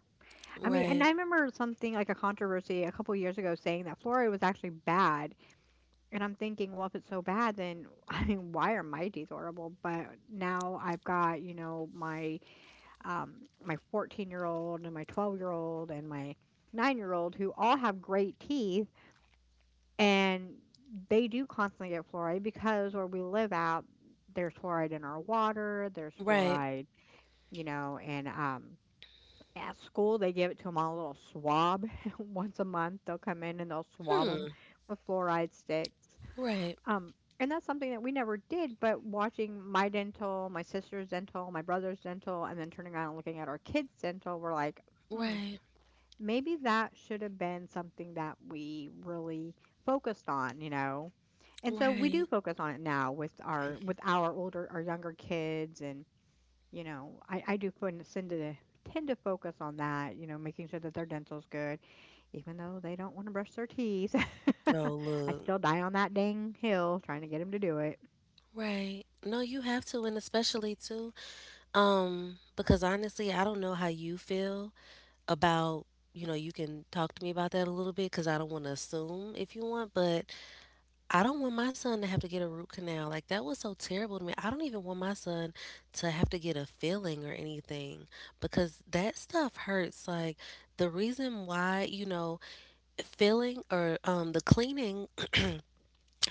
I mean, and I Right. remember something like a controversy a couple years ago saying that fluoride was actually bad. And I'm thinking, well, if it's so bad, then I mean, why are my teeth horrible? But now I've got, you know, my 14-year-old and my 12-year-old and my 9-year-old who all have great teeth. And they do constantly get fluoride because where we live out, there's fluoride in our water, there's Right. fluoride, you know, and at school they give it to them on a little swab once a month. They'll come in and they'll swab them Hmm. with fluoride sticks. Right. Um, and that's something that we never did, but watching my dental, my sister's dental, my brother's dental, and then turning around and looking at our kids' dental, we're like, hmm, Right. maybe that should have been something that we really focused on, you know? And so we Right. do focus on it now with our younger kids, and you know I do fin- send to tend to focus on that, you know, making sure that their dental's good even though they don't want to brush their teeth. Oh, I look. still die on that dang hill trying to get him to do it. Right. No, you have to, and especially too, because honestly, I don't know how you feel about, you know, you can talk to me about that a little bit because I don't want to assume if you want, but I don't want my son to have to get a root canal. Like that was so terrible to me. I don't even want my son to have to get a filling or anything because that stuff hurts. Like the reason why, you know, filling or the cleaning,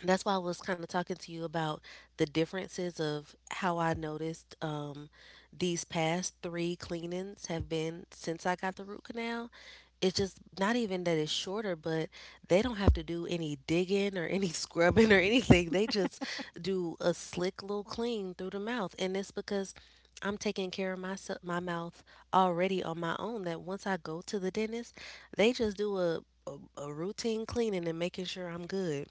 that's why I was kind of talking to you about the differences of how I noticed these past three cleanings have been since I got the root canal. It's just not even that it's shorter, but they don't have to do any digging or any scrubbing or anything. They just do a slick little clean through the mouth. And it's because I'm taking care of my mouth already on my own that once I go to the dentist, they just do a routine cleaning and making sure I'm good.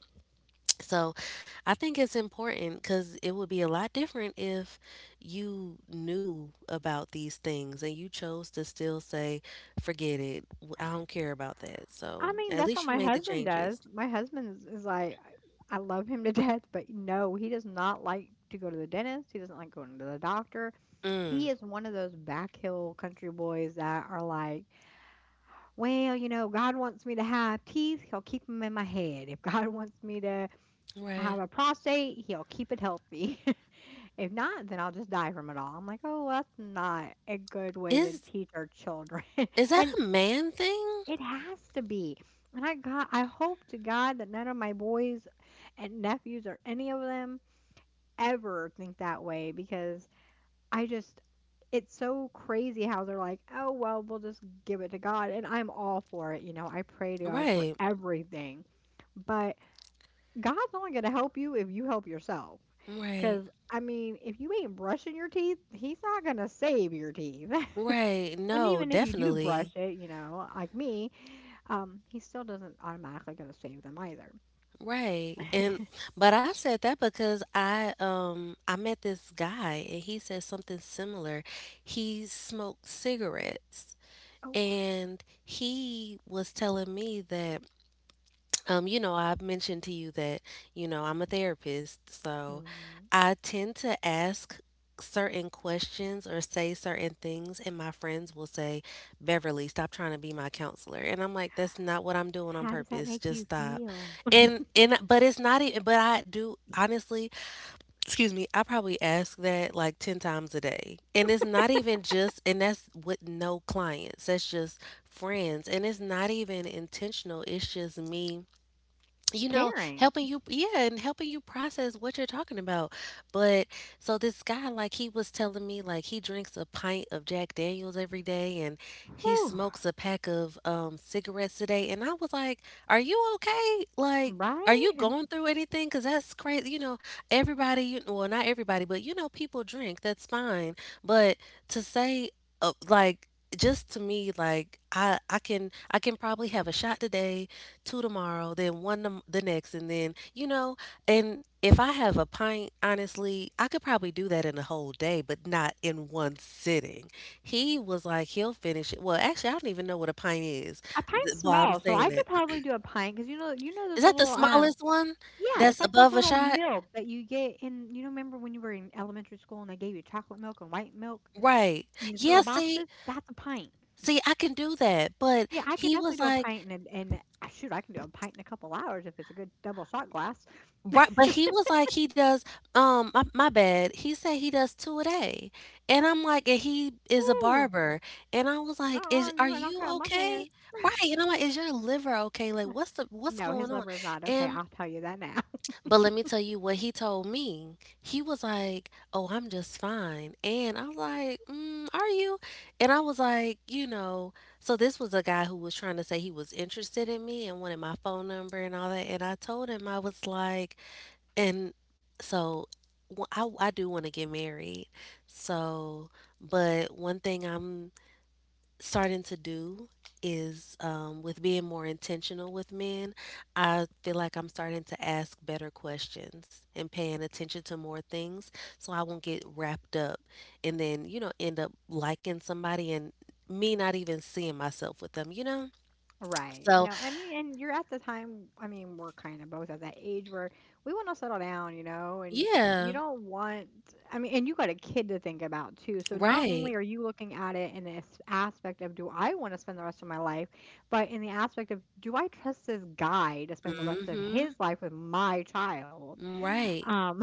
So I think it's important because it would be a lot different if you knew about these things and you chose to still say, forget it. I don't care about that. So I mean, at that's what least you my made the husband does. changes. My husband is like, I love him to death, but no, he does not like to go to the dentist. He doesn't like going to the doctor. Mm, He is one of those back hill country boys that are like, well, you know, God wants me to have teeth, he'll keep them in my head. If God wants me to right. have a prostate, he'll keep it healthy. If not, then I'll just die from it all. I'm like, "Oh, well, that's not a good way to Is teach our children." is that And a man thing? it has to be. And I hope to God that none of my boys and nephews or any of them ever think that way because I just, it's so crazy how they're like, "Oh, well, we'll just give it to God." And I'm all for it, you know. I pray to God for Right. everything. But God's only going to help you if you help yourself. Right. Cuz I mean, if you ain't brushing your teeth, he's not going to save your teeth. Right. And No, even if you do brush definitely. it, you know, like me, he still doesn't automatically going to save them either. Right. And but I said that because I met this guy and he said something similar. He smoked cigarettes Oh. and he was telling me that you know, I've mentioned to you that, you know, I'm a therapist, so Mhm. I tend to ask certain questions or say certain things, and my friends will say, Beverly, stop trying to be my counselor. And I'm like, that's not what I'm doing on How does that purpose. make Just you stop. feel? And but it's not even, but I do honestly, excuse me, I probably ask that like 10 times a day. And it's not even just, and that's with no clients. That's just friends. And it's not even intentional. It's just me, you know, Caring. helping you, yeah, and helping you process what you're talking about. But so this guy, like, he was telling me, like, he drinks a pint of Jack Daniels every day and he Whew. smokes a pack of cigarettes today. And I was like, are you okay? Like, are you Right? going through anything? Because that's crazy. You know, everybody, you well, not everybody, but you know, people drink. That's fine. But to say, like, just to me, like I can, I can probably have a shot today, two tomorrow, then one the next, and then, you know, and if I have a pint, honestly, I could probably do that in a whole day, but not in one sitting. He was like, he'll finish it. Well, actually, I don't even know what a pint is A pine's while I'm small, so saying I that. could probably do a pint because you know Is those that the little, smallest one yeah, it's that's like the above a little shot? milk that you get in, you know, remember when you were in elementary school and they gave you chocolate milk and white milk Right. in these Yeah, little see, boxes? That's a pint. see, I can do that. But Yeah, I could he definitely was do a like, pint, and ah, shoot, I can do a pint in a couple hours if it's a good double shot glass. Right, but he was like he does my, my bad. He said he does 2 a day. And I'm like and he is a Woo. barber. And I was like, "Is Uh-uh, are you are not you cutting my hair. okay?" Right. And I'm like, "Is your liver okay? Like what's No, his going on?" liver is not. Okay, And I'll tell you that now. but let me tell you what he told me. He was like, "Oh, I'm just fine." And I was like, mm, "Are you?" And I was like, "You know, so this was a guy who was trying to say he was interested in me and wanted my phone number and all that." And I told him I was like and so well, I do want to get married. So, but one thing I'm starting to do is with being more intentional with men, I feel like I'm starting to ask better questions and paying attention to more things so I won't get wrapped up and then, end up liking somebody and me not even seeing myself with them, Right. So, No, I mean, and you're at the time, I mean, we're kind of both at that age where we want to settle down, you know, and you yeah, don't want, I mean, and you got a kid to think about too. So not only right. are you looking at it in this aspect of, do I want to spend the rest of my life, but in the aspect of, do I trust this guy to mm spend the rest of Mhm. his life with my child? Right. Um,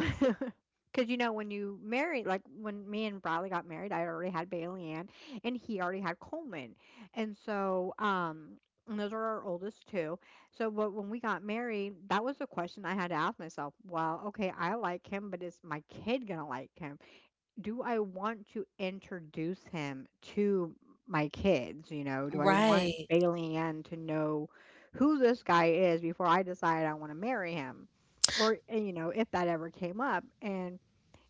because you know, when you marry, like when me and Bradley got married, I already had Bailey Ann and he already had Coleman. And so, and those are our oldest two. So, but when we got married, that was the question I had to ask myself. Well, okay, I like him, but is my kid gonna like him? Do I want to introduce him to my kids? You know, do I want Right. Bailey Ann to know who this guy is before I decide I want to marry him? Or, eh, you know, if that ever came up. And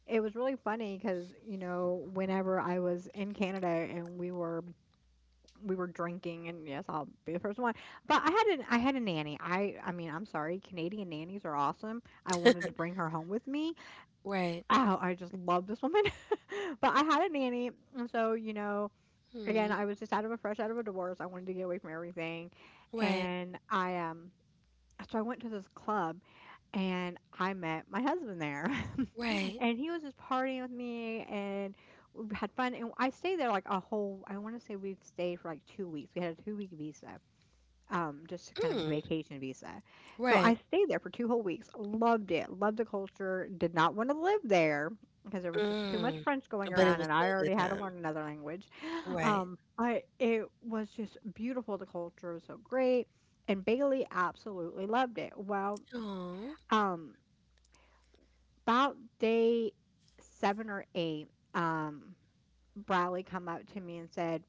it was really funny because, you know, whenever I was in Canada and we were drinking and yes, I'll be the first one. But I had a nanny. I mean, I'm sorry, Canadian nannies are awesome. I wanted to bring her home with me. Right. Oh, I just love this woman. But I had a nanny, and so, you know, again, Mm, I was just out of a fresh out of a divorce. I wanted to get away from everything. right, And I so I went to this club and I met my husband there. right. And he was just partying with me and we had fun. And I stayed there like a whole, I want to say we stayed for like 2 weeks. We had a 2 week visa, just a kind of Mm, vacation visa. So I right. stayed there for two whole weeks. Loved it. Loved the culture. Did not want to live there because there was just too much Mm. French going But it around was and I still a already good had to time. learn another language. Right. But it was just beautiful. The culture was so great. And Bailey absolutely loved it. Well, Oh, um, about day 7 or 8, um, Bradley come up to me and said,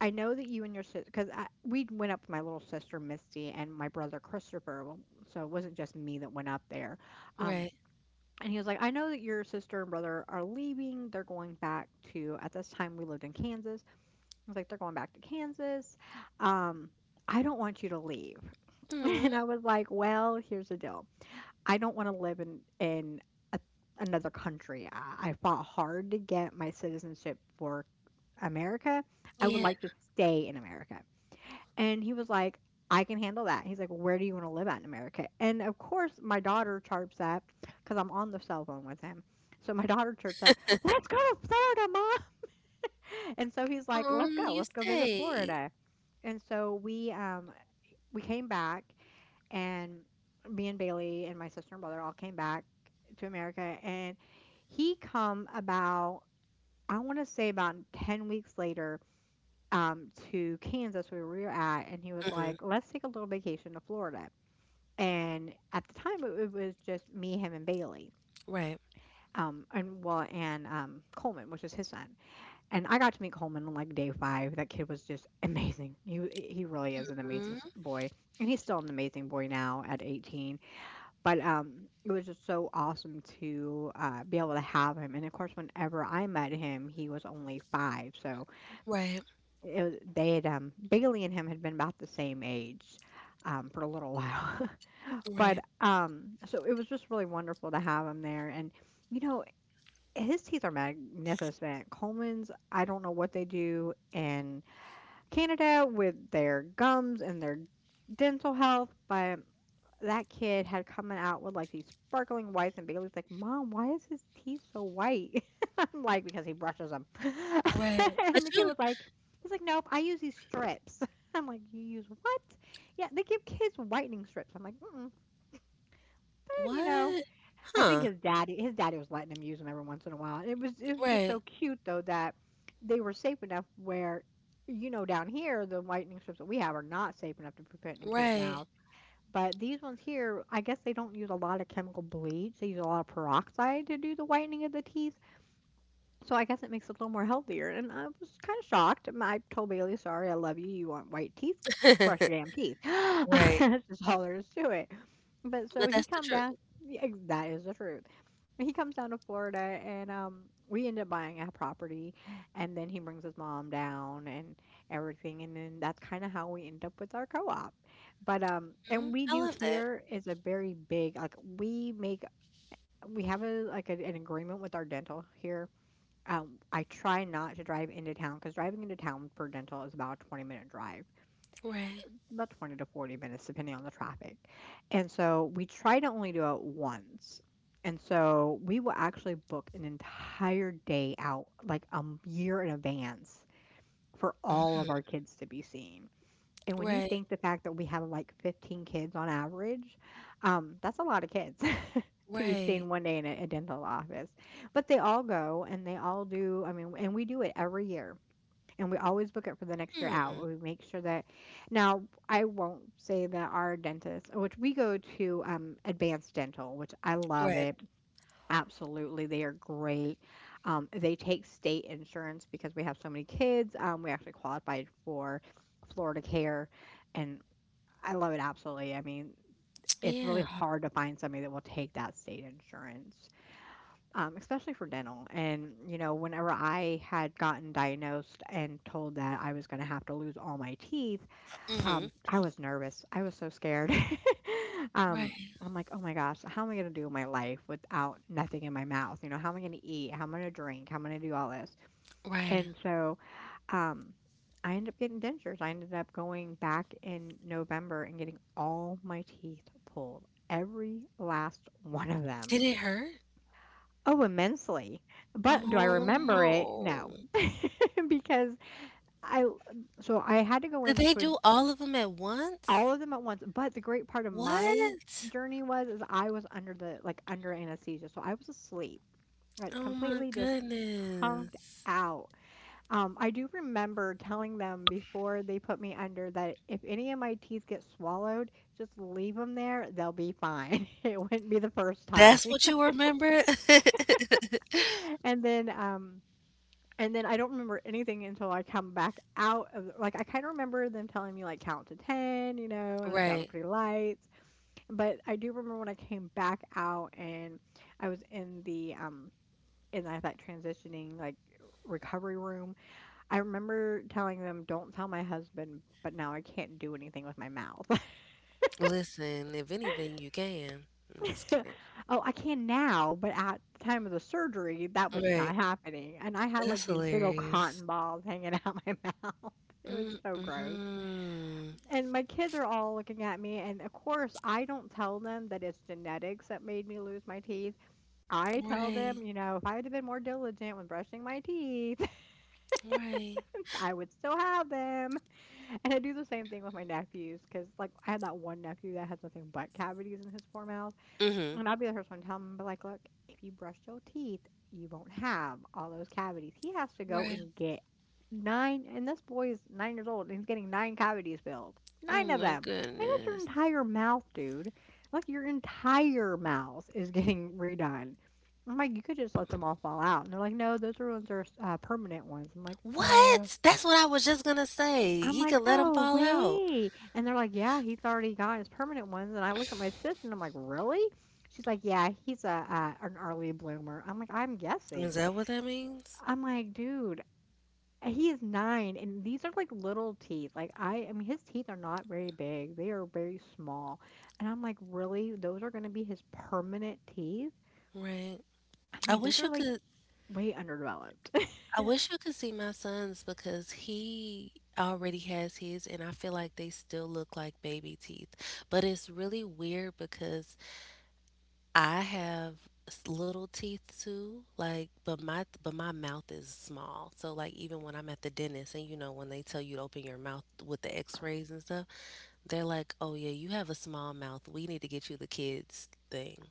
"I know that you and your sister, because we went up with my little sister Misty and my brother Christopher, w so it wasn't just me that went up there, um, right. and he was like, "I know that your sister and brother are leaving, they're going back to" at this time we lived in Kansas, I was like, "They're going back to Kansas, um, I don't want you to leave," Mm, and I was like, "Well, here's the deal, I don't want to live in a, another country. I fought hard to get my citizenship for America. I would yeah. like to stay in America. And he was like, I can handle that. He's like, where do you want to live at in America? And of course, my daughter chirps up because I'm on the cell phone with him. So my daughter chirps up, let's go to Florida, mom. And so he's like, Oh, let's go. you Let's go visit stayed. Florida. And so we came back, and me and Bailey and my sister and brother all came back to America, and he come about, I want to say about 10 weeks later, to Kansas where we were at, and he was Hmm. like, let's take a little vacation to Florida. And at the time it was just me, him, and Bailey, Right. And well, and Coleman, which is his son. And I got to meet Coleman on like day five. That kid was just amazing. He really is an amazing Mm, boy, and he's still an amazing boy now at 18. But it was just so awesome to be able to have him. And of course, whenever I met him, he was only five. So right. it was, they had Bailey and him had been about the same age for a little while. But Right. So it was just really wonderful to have him there. And, you know, his teeth are magnificent. Coleman's, I don't know what they do in Canada with their gums and their dental health, but that kid had come out with like these sparkling whites, and Bailey's like, "Mom, why is his teeth so white?" I'm like, "Because he brushes them." Right. But And the kid you, was like, "He's like, nope, I use these strips." I'm like, "You use what?" Yeah, they give kids whitening strips. I'm like, mm-mm. And, you know, what? I think Huh. His daddy was letting him use them every once in a while. It was just Right. so cute though that they were safe enough where. You know, down here, the whitening strips that we have are not safe enough to put in a kid's Right. mouth. But these ones here, I guess they don't use a lot of chemical bleach. They use a lot of peroxide to do the whitening of the teeth. So I guess it makes it a little more healthier. And I was kind of shocked. I told Bailey, sorry, I love you. You want white teeth? Brush your damn teeth. Right. That's just all there is to it. But so But he that's the come down. truth. Yeah, that is the truth. He comes down to Florida, and we end up buying a property, and then he brings his mom down and everything, and then that's kind of how we end up with our co-op. But Hmm. and we I do love that. here is a very big, like, we make, we have a like an agreement with our dental here. I try not to drive into town because driving into town for dental is about a 20 minute drive, Right. about 20 to 40 minutes, depending on the traffic. And so we try to only do it once. And so we will actually book an entire day out, like year in advance, for Mm, all of our kids to be seen. And when you right. think the fact that we have like 15 kids on average, that's a lot of kids to be Right. seen one day in a dental office. But they all go and they all do, I mean, and we do it every year and we always book it for the next year Mm, out. We make sure that, now, I won't say that our dentist, which we go to, Advanced Dental, which I love right. it. Absolutely, they are great. They take state insurance because we have so many kids. We actually qualified for Florida Care, and I love it absolutely. I mean, it's Yeah. really hard to find somebody that will take that state insurance, especially for dental. And, you know, whenever I had gotten diagnosed and told that I was going to have to lose all my teeth, Hmm. I was nervous. I was so scared. um, Right. I'm like, oh my gosh, how am I going to do my life without nothing in my mouth? You know, how am I going to eat? How am I going to drink? How am I going to do all this? Right. And so, um, I ended up getting dentures. I ended up going back in November and getting all my teeth pulled, every last one of them. Did it hurt? Oh, immensely. But do I Oh remember it? No, no. because I so I had to Did they do all of them at all once? of them at once. But the great part of my What? journey was is I was under the under anesthesia, so I was asleep, like Oh my completely just honked goodness. out. I do remember telling them before they put me under that if any of my teeth get swallowed, just leave them there; they'll be fine. It wouldn't be the first time. That's what you remember? and then um And then I don't remember anything until I come back out of like I kind of remember them telling me like count to 10, you know, and I see all the Right. pretty lights. But I do remember when I came back out, and I was in the in that transitioning like recovery room. I remember telling them don't tell my husband, but now I can't do anything with my mouth. Listen, if anything, you can. I'm just kidding. Oh, I can now, but at the time of the surgery, that was just Right. not happening. And I had That's like these big old hilarious. cotton balls hanging out my mouth. It was so gross. Mm-mm. And my kids are all looking at me, and of course I don't tell them that it's genetics that made me lose my teeth. I tell Right. them, you know, if I had been more diligent when brushing my teeth, Right. I would still have them. And I do the same thing with my nephews because like I had that one nephew that has nothing but cavities in his poor mouth. Mm-hmm. And I will be the first one to tell him, but like, look, if you brush your teeth, you won't have all those cavities. He has to go Right. and get nine, and this boy is 9 years old, and he's getting nine cavities filled. Oh Nine of my them. Like, that's your goodness. entire mouth, dude. Like, your entire mouth is getting redone. I'm like, you could just let them all fall out. And they're like, no, those ones are permanent ones. What? That's what I was just gonna say. I'm He like, could let him "No fall out. way." And they're like, "Yeah, he's already got his permanent ones." And I looked at my sister, and I'm like, "Really?" She's like, "Yeah, he's a, an early bloomer." I'm like, "I'm Is guessing." that what that means? I'm like, "Dude, he is 9, and these are like little teeth. Like I mean his teeth are not very big. They are very small." And I'm like, "Really? Those are going to be his permanent teeth?" Right. I'm I like, "Those wish you are like could way underdeveloped." I wish you could see my son's because he already has his and I feel like they still look like baby teeth. But it's really weird because I have little teeth too, but my mouth is small. So like even when I'm at the dentist and you know when they tell you to open your mouth with the x-rays and stuff, they're like, "Oh yeah, you have a small mouth. We need to get you the kids thing."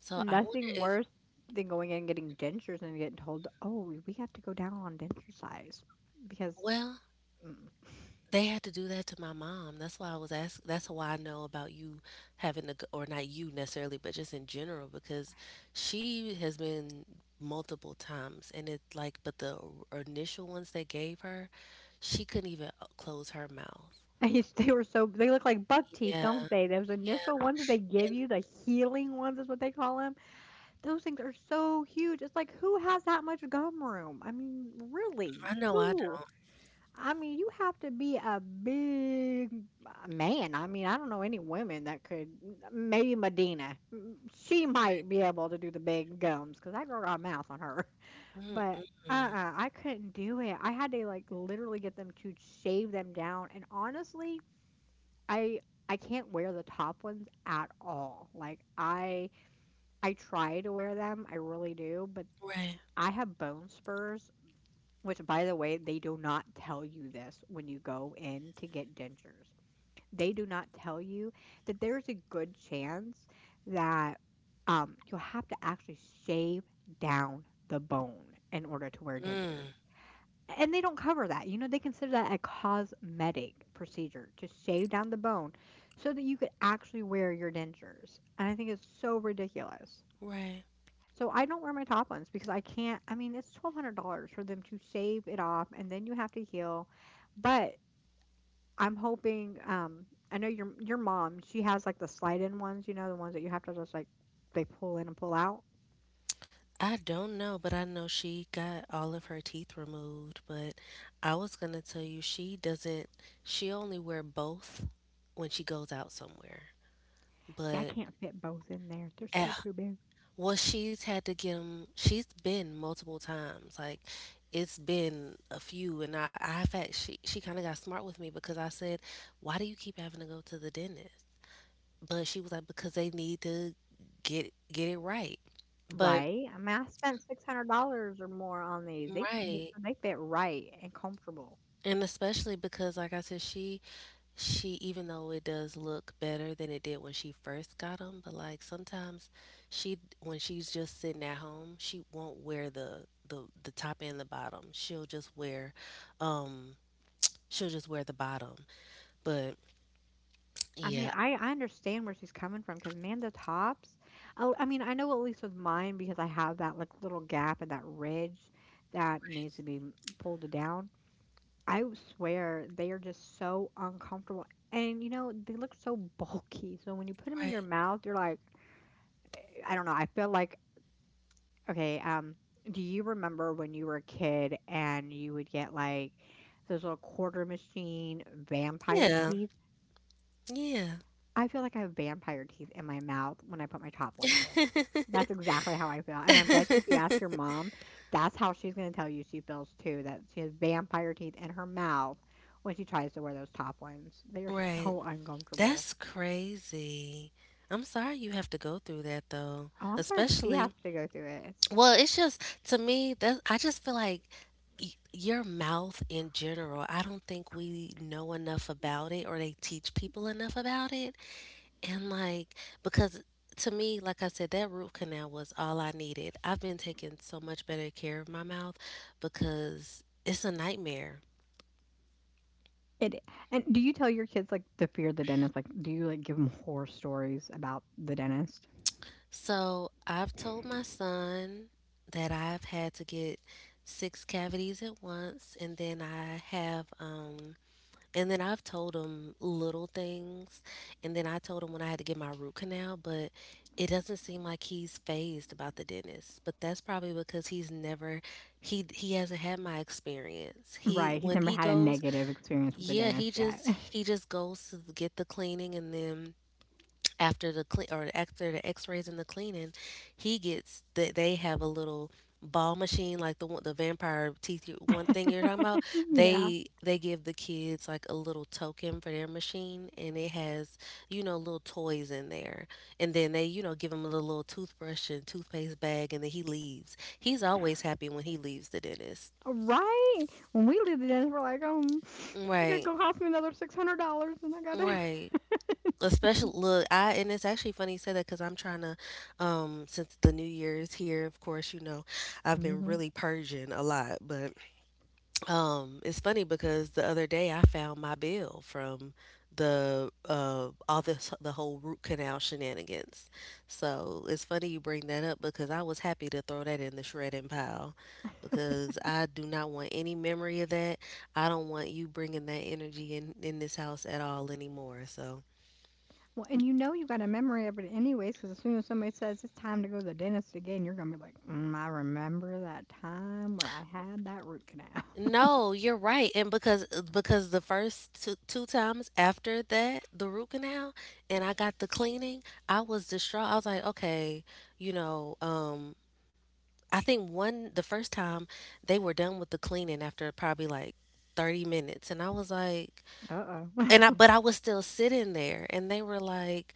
So I wonder Nothing if worse than going in and getting dentures and getting told, "Oh, we have to go down on denture size," because well, mm. They had to do that to my mom. That's why I know about you having to go, or not you necessarily, but just in general, because she has been multiple times, and it's like, but the initial ones they gave her, she couldn't even close her mouth. And they were so they look like buck teeth, Yeah, don't they? Those initial yeah. ones that they give And you, the healing ones is what they call them. Those things are so huge. It's like who has that much gum room? I mean, really, I know I who? don't. I mean, you have to be a big man. I mean, I don't know any women that could. Maybe Medina. She might be able to do the big gums because that girl got a mouth on her. But Mm-mm. uh-uh, I couldn't do it. I had to like literally get them to shave them down. And honestly, I I can't wear the top ones at all. Like I try to wear them, I really do, but Right. I have bone spurs, which, by the way, they do not tell you this when you go in to get dentures. They do not tell you that there's a good chance that, you'll have to actually shave down the bone in order to wear dentures. Mm. And they don't cover that. You know, they consider that a cosmetic procedure to shave down the bone so that you could actually wear your dentures. And I think it's so ridiculous. Right. So I don't wear my top ones because I can't. I mean, it's $1,200 for them to shave it off, and then you have to heal. But I'm hoping, I know your mom, she has like the slide in ones, you know, the ones that you have to just like they pull in and pull out. I don't know, but I know she got all of her teeth removed. But I was gonna tell you she doesn't. She only wear both when she goes out somewhere. See, I But can't fit both in there. They're eh, still too big. She's had to get them. She's been multiple times. Like it's been a few, and I I've had she kind of got smart with me because I said, why do you keep having to go to the dentist? But she was like, because they need to get it right. But Right? I mean, I spent $600 or more on these. They need to make right, sure they fit right and comfortable. and especially because, like I said, she even though it does look better than it did when she first got them, but like sometimes she when she's just sitting at home, she won't wear the the top and the bottom. Um, she'll just wear the bottom. But I mean, yeah, I understand where she's coming from because man, the Tops, oh, I mean, I know at least with mine because I have that like little gap and that ridge that needs to be pulled down. I swear they are just so uncomfortable. And you know, they look so bulky. So when you put them in right, your mouth, you're like, eh, I don't know. I feel like okay. Do you remember when you were a kid and you would get like those little quarter machine vampire yeah, teeth? yeah, I feel like I have vampire teeth in my mouth when I put my top ones in. That's exactly how I feel. And I bet you if you ask your mom, that's how she's going to tell you she feels too, that she has vampire teeth in her mouth when she tries to wear those top ones. They are right. so uncomfortable. That's crazy. I'm sorry you have to go through that though, Oh, I'm sorry she has especially to go through it. It's, well, it's just to me that I just feel like your mouth in general, I don't think we know enough about it or they teach people enough about it. And like because to me, like I said, that root canal was all I needed. I've been taking so much better care of my mouth because it's a nightmare. it and do you tell your kids like the fear of the dentist? Like, do you like give them horror stories about the dentist? So I've told my son that I've had to get 6 cavities at once, and then I have and then I've told him little things. And then I told him when I had to get my root canal, but it doesn't seem like he's phased about the dentist. But that's probably because he he hasn't had my experience. He Right. He's when never he had a goes, negative experience with the yeah, dentist yet. He just goes to get the cleaning and then after the x-rays and the cleaning he gets that. They have a little ball machine, like the one the vampire teeth one thing you're talking about. Yeah. They give the kids like a little token for their machine and it has little toys in there and then they give him a little, little toothbrush and toothpaste bag, and then he leaves. He's always happy when he leaves the dentist. Right? When we leave the dentist, we're like, it to Right. go cost me another $600 and I gotta Right. Especially, look, I and it's actually funny you say that because I'm trying to, since the New Year is here, of course, I've been hmm. really purging a lot. But it's funny because the other day I found my bill from the all this the whole root canal shenanigans. So it's funny you bring that up because I was happy to throw that in the shredding pile because I do not want any memory of that. I don't want you bringing that energy in this house at all anymore. So. Well, and you know you got a memory of it anyways, because as soon as somebody says it's time to go to the dentist again, you're gonna be like, mm, I remember that time where I had that root canal. No, you're right. And because the first two times after that, the root canal, and I got the cleaning, I was distraught. I was like, okay, you know, um, I think one the first time they were done with the cleaning after probably like 30 minutes, and I was like, Uh-oh. and I Oh, but I was still sitting there and they were like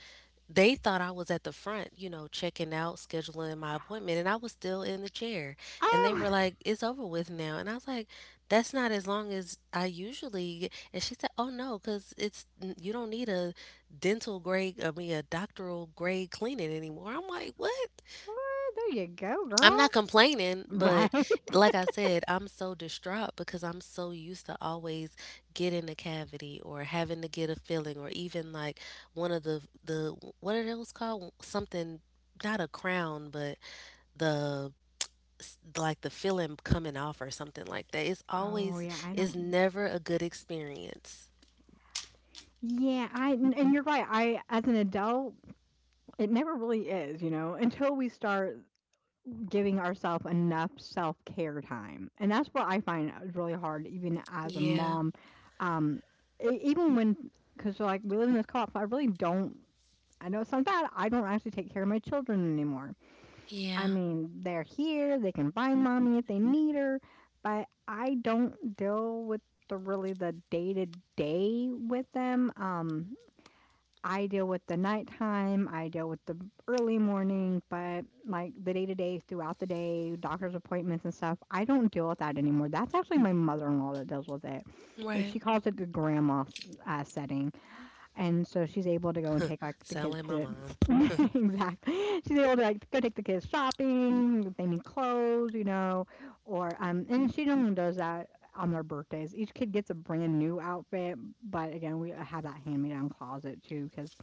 they thought I was at the front, you know, checking out, scheduling my appointment, and I was still in the chair. And they oh, were like, "It's over with now." And I was like, "That's not as long as I usually get." And she said, "Oh no, cuz it's you don't need a dental grade, I mean a doctoral grade cleaning anymore." I'm like, "What?" what? There you go, I'm girl. not complaining, but Right? like I said, I'm so distraught because I'm so used to always getting a cavity or having to get a filling or even like one of the what are those called? Something Not a crown, but the like the filling coming off or something like that. It's Oh always yeah, I it's don't. never a good experience. Yeah, I and you're right. I as an adult, it never really is, you know, until we start giving ourselves enough self care time. And that's what I find is really hard, even as a Yeah. mom. Um, Even when, because like we live in this co op, so I really don't, I know it sounds bad, I don't actually take care of my children anymore. I Yeah. mean, they're here, they can find mommy if they need her, but I don't deal with the really the day to day with them. I deal with the nighttime, I deal with the early morning, but like the day to day throughout the day, doctor's appointments and stuff, I don't deal with that anymore. That's actually my mother in law that deals with it. Right. She calls it the grandma setting. And so she's able to go and take like the Sound kids like my to. mom. Exactly. She's able to like go take the kids shopping, if they need clothes, you know, or and she normally does that on their birthdays. Each kid gets a brand new outfit, but again, we have that hand-me-down closet too because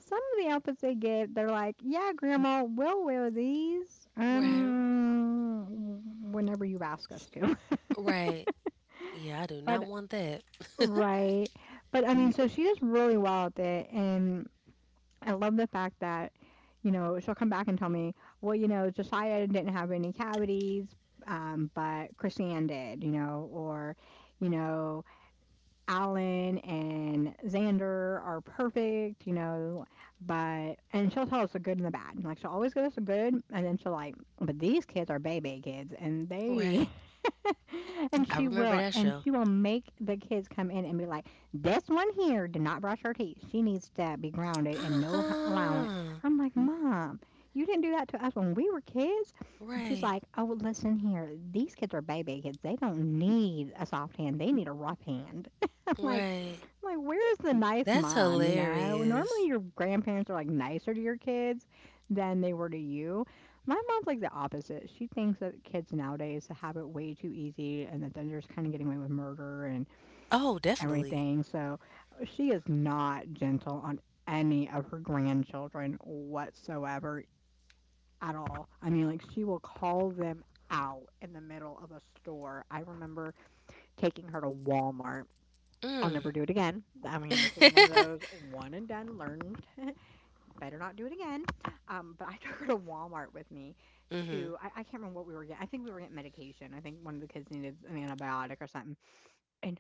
some of the outfits they get, they're like, "Yeah, grandma, we'll wear these, Right. Whenever you ask us to." Right. Yeah, I do not But want that. right, but I mean, so she does really well at it, and I love the fact that, you know, she'll come back and tell me, "Well, you know, Josiah didn't have any cavities, but Chrisanne did," you know, or, you know, Alan and Xander are perfect, you know, but and she'll tell us the good and the bad. Like she'll always give us the good and then she'll like, but these kids are baby kids and they Right. I remember that and show. she will make the kids come in and be like, this one here did not brush her teeth. She needs to be grounded and no allowance. Uh-uh. I'm like, Mom, you didn't do that to us when we were kids. And she's Right. like, "Oh, well, listen here. These kids are baby kids. They don't need a soft hand. They need a rough hand." I'm like, Right. I'm like, where's the nice That's mom? You know, normally hilarious. your grandparents are like nicer to your kids than they were to you. My mom's like the opposite. She thinks that kids nowadays have it way too easy and that they're just kind of getting away with murder and Oh, definitely. everything. So she is not gentle on any of her grandchildren whatsoever at all. I mean, like, she will call them out in the middle of a store. I remember taking her to Walmart. I'll Mm. never do it again. I mean, this was one of those one and done, learned, better not do it again. But I took her to Walmart with me Mhm. to, I can't remember what we were getting. I think we were getting medication. I think one of the kids needed an antibiotic or something. And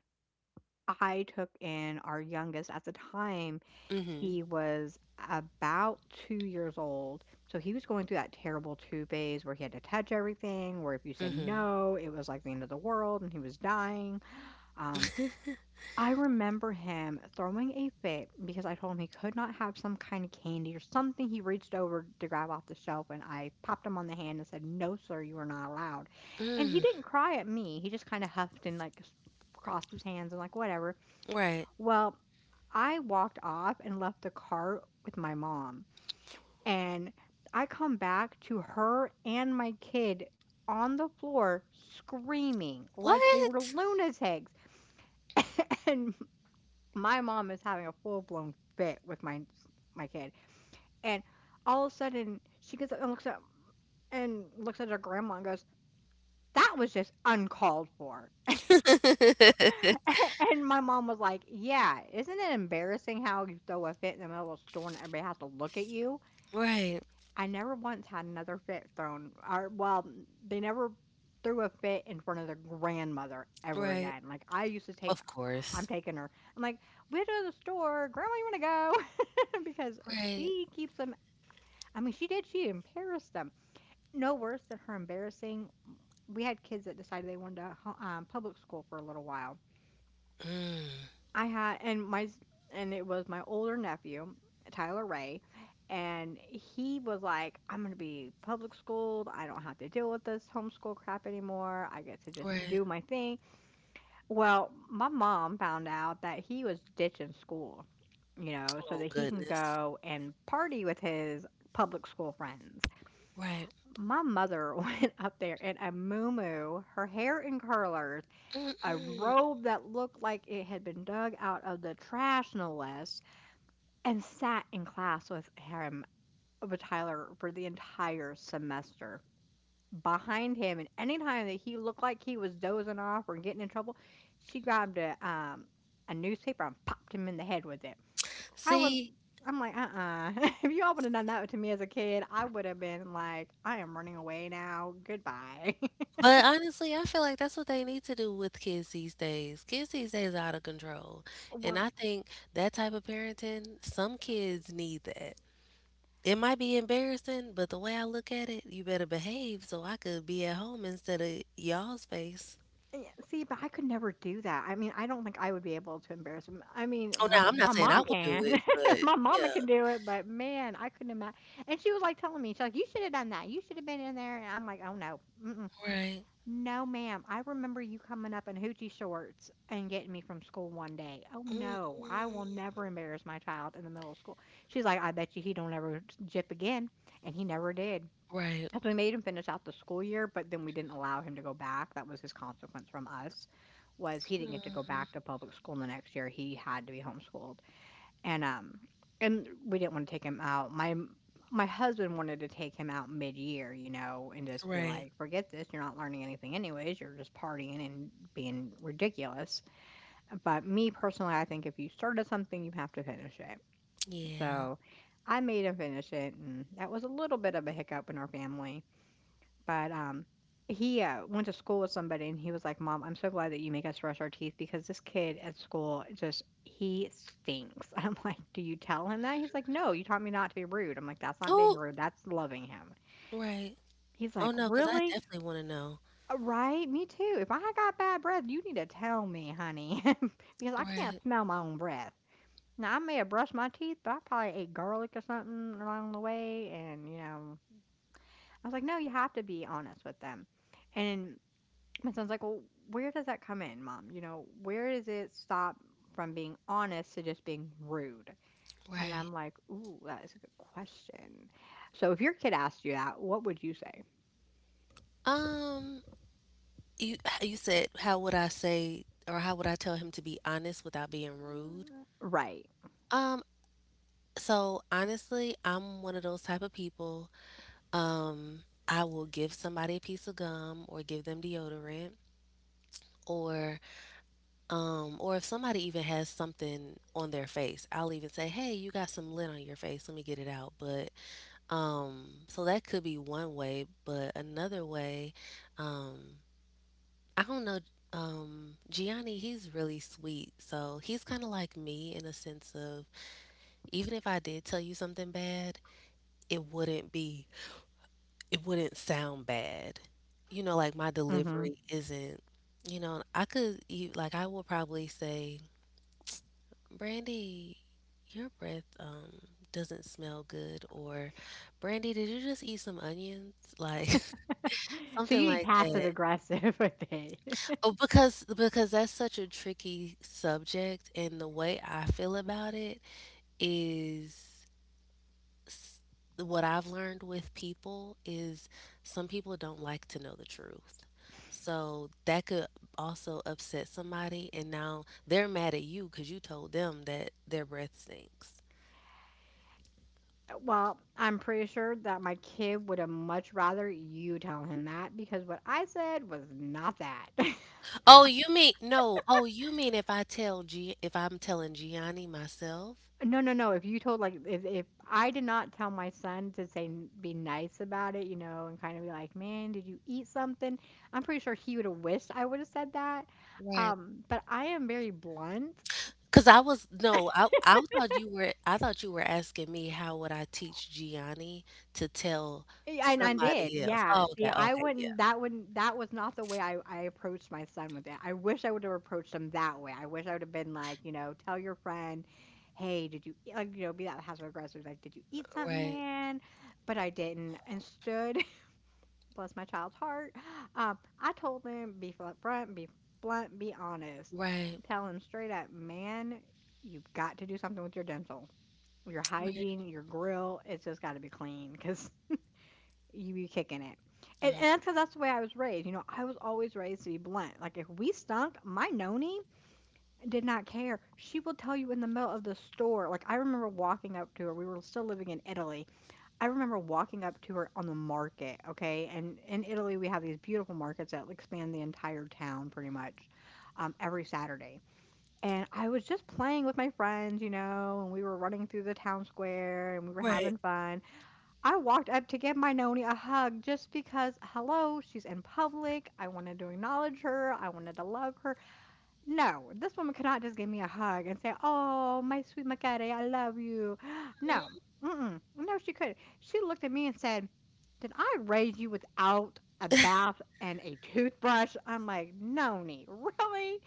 I took in our youngest at the time. Mhm. He was about 2 years old. So he was going through that terrible two phase where he had to touch everything, where if you said Mhm. no, it was like the end of the world and he was dying. Um, I remember him throwing a fit because I told him he could not have some kind of candy or something he reached over to grab off the shelf, and I popped him on the hand and said, "No, sir, you are not allowed." And he Mm. didn't cry at me. He just kind of huffed and like crossed his hands and like, whatever. Right. Well, I walked off and left the cart with my mom. And I come back to her and my kid on the floor screaming like they were What? lunatics. And my mom is having a full blown fit with my kid, and all of a sudden she gets up and looks at her grandma and goes, "That was just uncalled for." And my mom was like, "Yeah, isn't it embarrassing how you throw a fit in the middle of a store and everybody has to look at you?" right. I never once had another fit thrown or well, they never threw a fit in front of their grandmother ever Right. again. Like, I used to take. Of I'm course. taking her. I'm like, "We'll go to the store. Grandma, you wanna go?" Because Right. she keeps them. I mean, she did, she embarrassed them. No worse than her embarrassing, we had kids that decided they wanted to ho public school for a little while. Mm. I had and and it was my older nephew, Tyler Ray, and he was like, "I'm gonna be public schooled. I don't have to deal with this homeschool crap anymore. I get to just Right. do my thing." Well, my mom found out that he was ditching school, you know, so Oh that he can goodness. go and party with his public school friends. Right. My mother went up there in a moo her hair in curlers, a Mm-mm. robe that looked like it had been dug out of the trash, no less, and sat in class with him, with Tyler, for the entire semester behind him. And anytime that he looked like he was dozing off or getting in trouble, she grabbed a newspaper and popped him in the head with it. I was. See, I'm like, If you all would have done that to me as a kid, I would have been like, "I am running away now. Goodbye." but honestly, I feel like that's what they need to do with kids these days. Kids these days are out of control. And Well, I think that type of parenting, some kids need that. It might be embarrassing, but the way I look at it, you better behave so I could be at home instead of y'all's face. yeah, see, but I could never do that. I mean, I don't think I would be able to embarrass him. I mean, Oh, my now I'm not my saying I mom would do can, it, but my mama yeah. can do it, but man, I couldn't imagine. And she was like telling me, she's like, "You should have done that. You should have been in there." And I'm like, "Oh no, mm-mm. Right. No, ma'am. I remember you coming up in hoochie shorts and getting me from school one day. Oh no, I Mm-mm. will never embarrass my child in the middle of school." She's like, "I bet you he don't ever jip again," and he never did. Right. 'Cause we made him finish out the school year, but then we didn't allow him to go back. That was his consequence from us, was he didn't get to go back Mm. to public school the next year, he had to be homeschooled, and, um and we didn't wanna take him out, my husband wanted to take him out mid year, you know, and just be Right. like, "Forget this, you're not learning anything anyways, you're just partying and being ridiculous," but me personally, I think if you started something, you have to finish it, Yeah. so I made him finish it, and that was a little bit of a hiccup in our family. But he went to school with somebody and he was like, "Mom, I'm so glad that you make us brush our teeth because this kid at school just he stinks." I'm like, "Do you tell him that?" He's like, "No, you taught me not to be rude." I'm like, "That's not being Oh, rude, that's loving him." right. He's Oh, like, no, because I "Really?" definitely want to know. Right, me too. If I got bad breath, you need to tell me, honey, because I can't Right. smell my own breath. Now, I may have brushed my teeth, but I probably ate garlic or something along the way, and, you know, I was like, "No, you have to be honest with them." And my son's like, "Well, where does that come in, Mom? You know, where does it stop from being honest to just being rude?" And Right. I'm like, "Ooh, that is a good question. So if your kid asked you that, what would you say?" Um, you you said how would I say or how would I tell him to be honest without being rude? Right. Um, so honestly, I'm one of those type of people. I will give somebody a piece of gum or give them deodorant or or if somebody even has something on their face, I'll even say, "Hey, you got some lint on your face. Let me get it out." But so that could be one way, but another way, um I don't know. Gianni, he's really sweet. So he's kind of like me in a sense of even if I did tell you something bad, it wouldn't be, it wouldn't sound bad. You know, like my Hmm. delivery isn't, you know, I could, I will probably say, Brandy, your breath, doesn't smell good. Or, Brandy, did you just eat some onions? Like, So something you'd be like passive that. aggressive with it. Oh, because that's such a tricky subject, and the way I feel about it is s- what I've learned with people is some people don't like to know the truth. So that could also upset somebody, and now they're mad at you because you told them that their breath stinks. Well, I'm pretty sure that my kid would have much rather you tell him that because what I said was not that. Oh, you mean no? Oh, you mean if I'm telling Gianni myself? No, no, no. If you told like if I did not tell my son to say be nice about it, you know, and kind of be like, "Man, did you eat something?" I'm pretty sure he would have wished I would have said that. Right. But I am very blunt. Cause I was no, I thought you were asking me how would I teach Gianni to tell Yeah, and I did. somebody else. Yeah. Oh, See, okay, I okay, yeah. Wouldn't that was not the way I approached my son with it. I wish I would have approached him that way. I wish I would have been like, you know, tell your friend, "Hey, did you eat-" like, you know, be that passive aggressive like, "Did you eat something, Right. man?" But I didn't. Instead, bless my child's heart. I told him, be upfront, be blunt, be honest. Right. Tell him straight up, man, you've got to do something with your dental. Your hygiene, your grill, it's just got to be clean because you be kicking it. Right. And Mm. that's because that's the way I was raised. You know, I was always raised to be blunt. Like, if we stunk, my noni did not care. She will tell you in the middle of the store. Like, I remember walking up to her. We were still living in Italy. I remember walking up to her on the market, okay, and in Italy, we have these beautiful markets that expand the entire town pretty much, every Saturday. And I was just playing with my friends, you know, and we were running through the town square and we were Right. having fun. I walked up to give my Noni a hug just because, hello, she's in public. I wanted to acknowledge her. I wanted to love her. No, this woman could not just give me a hug and say, "Oh, my sweet Macare, I love you." No, Mm, mm-mm. No, she could. She looked at me and said, "Did I raise you without a bath and a toothbrush?" I'm like, "Noni, really?"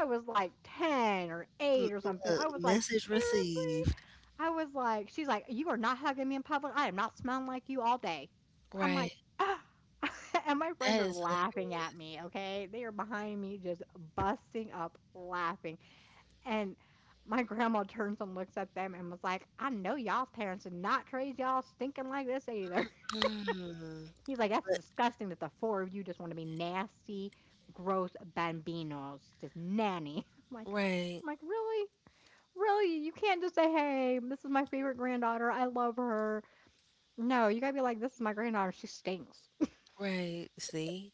I was like ten or mm, eight or look, something. I was like, message "Seriously?" received. I was like, "She's like, you are not hugging me in public. I am not smelling like you all day." I'm like, Right. "Ah." And my friends That are is laughing at hilarious. me, okay? They are behind me just busting up laughing. And my grandma turns and looks at them and was like, "I know y'all's parents did not raise y'all stinking like this either." Mm. He's like, "That's But disgusting that the four of you just want to be nasty, gross bambinos, just nanny." I'm like, right, really? Really? You can't just say, "Hey, this is my favorite granddaughter. I love her." No, you gotta be like, "This is my granddaughter. She stinks." right. See?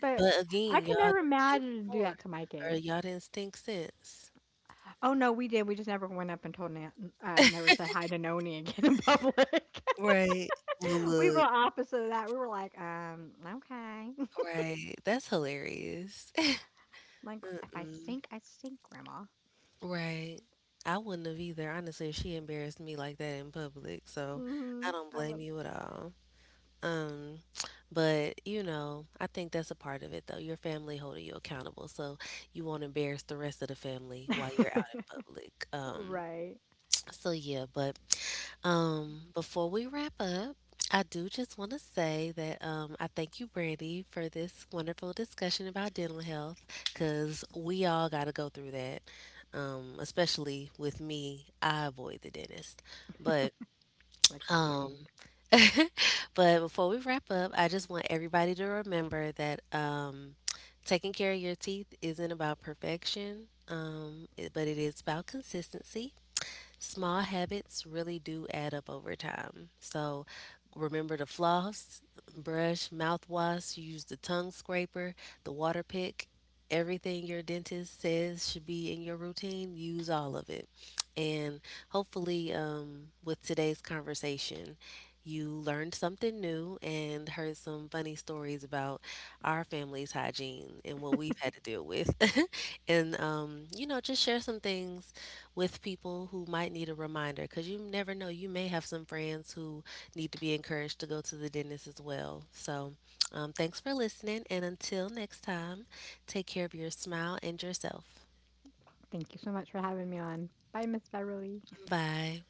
But But I again, could y'all never didn't think imagine to do before that to my or kids. y'all didn't think since. Oh no, we did. We just never went up and told, never said hi to Noni again in public. Right. Well, We were look. opposite of that. We were like, okay. Right. That's hilarious. Like, if I Mm-mm. stink, I stink, Grandma. Right. I wouldn't have either, honestly, if she embarrassed me like that in public. So Hmm. I don't I blame you at all. Um, but you know, I think that's a part of it though. Your family holding you accountable, so you won't embarrass the rest of the family will. while you're out in public. Right. So yeah, but before we wrap up, I do just want to say that I thank you, Brandy, for this wonderful discussion about dental health because we all got to go through that. Especially with me, I avoid the dentist. But Like the um, plague. but before we wrap up, I just want everybody to remember that taking care of your teeth isn't about perfection, but it is about consistency. Small habits really do add up over time. So remember to floss, brush, mouthwash, use the tongue scraper, the water pick. Everything your dentist says should be in your routine, use all of it. And hopefully, with today's conversation, you learned something new and heard some funny stories about our family's hygiene and what we've had to deal with. And, you know, just share some things with people who might need a reminder because you never know. You may have some friends who need to be encouraged to go to the dentist as well. So, thanks for listening. And until next time, take care of your smile and yourself. Thank you so much for having me on. Bye, Miss Beverly. Bye.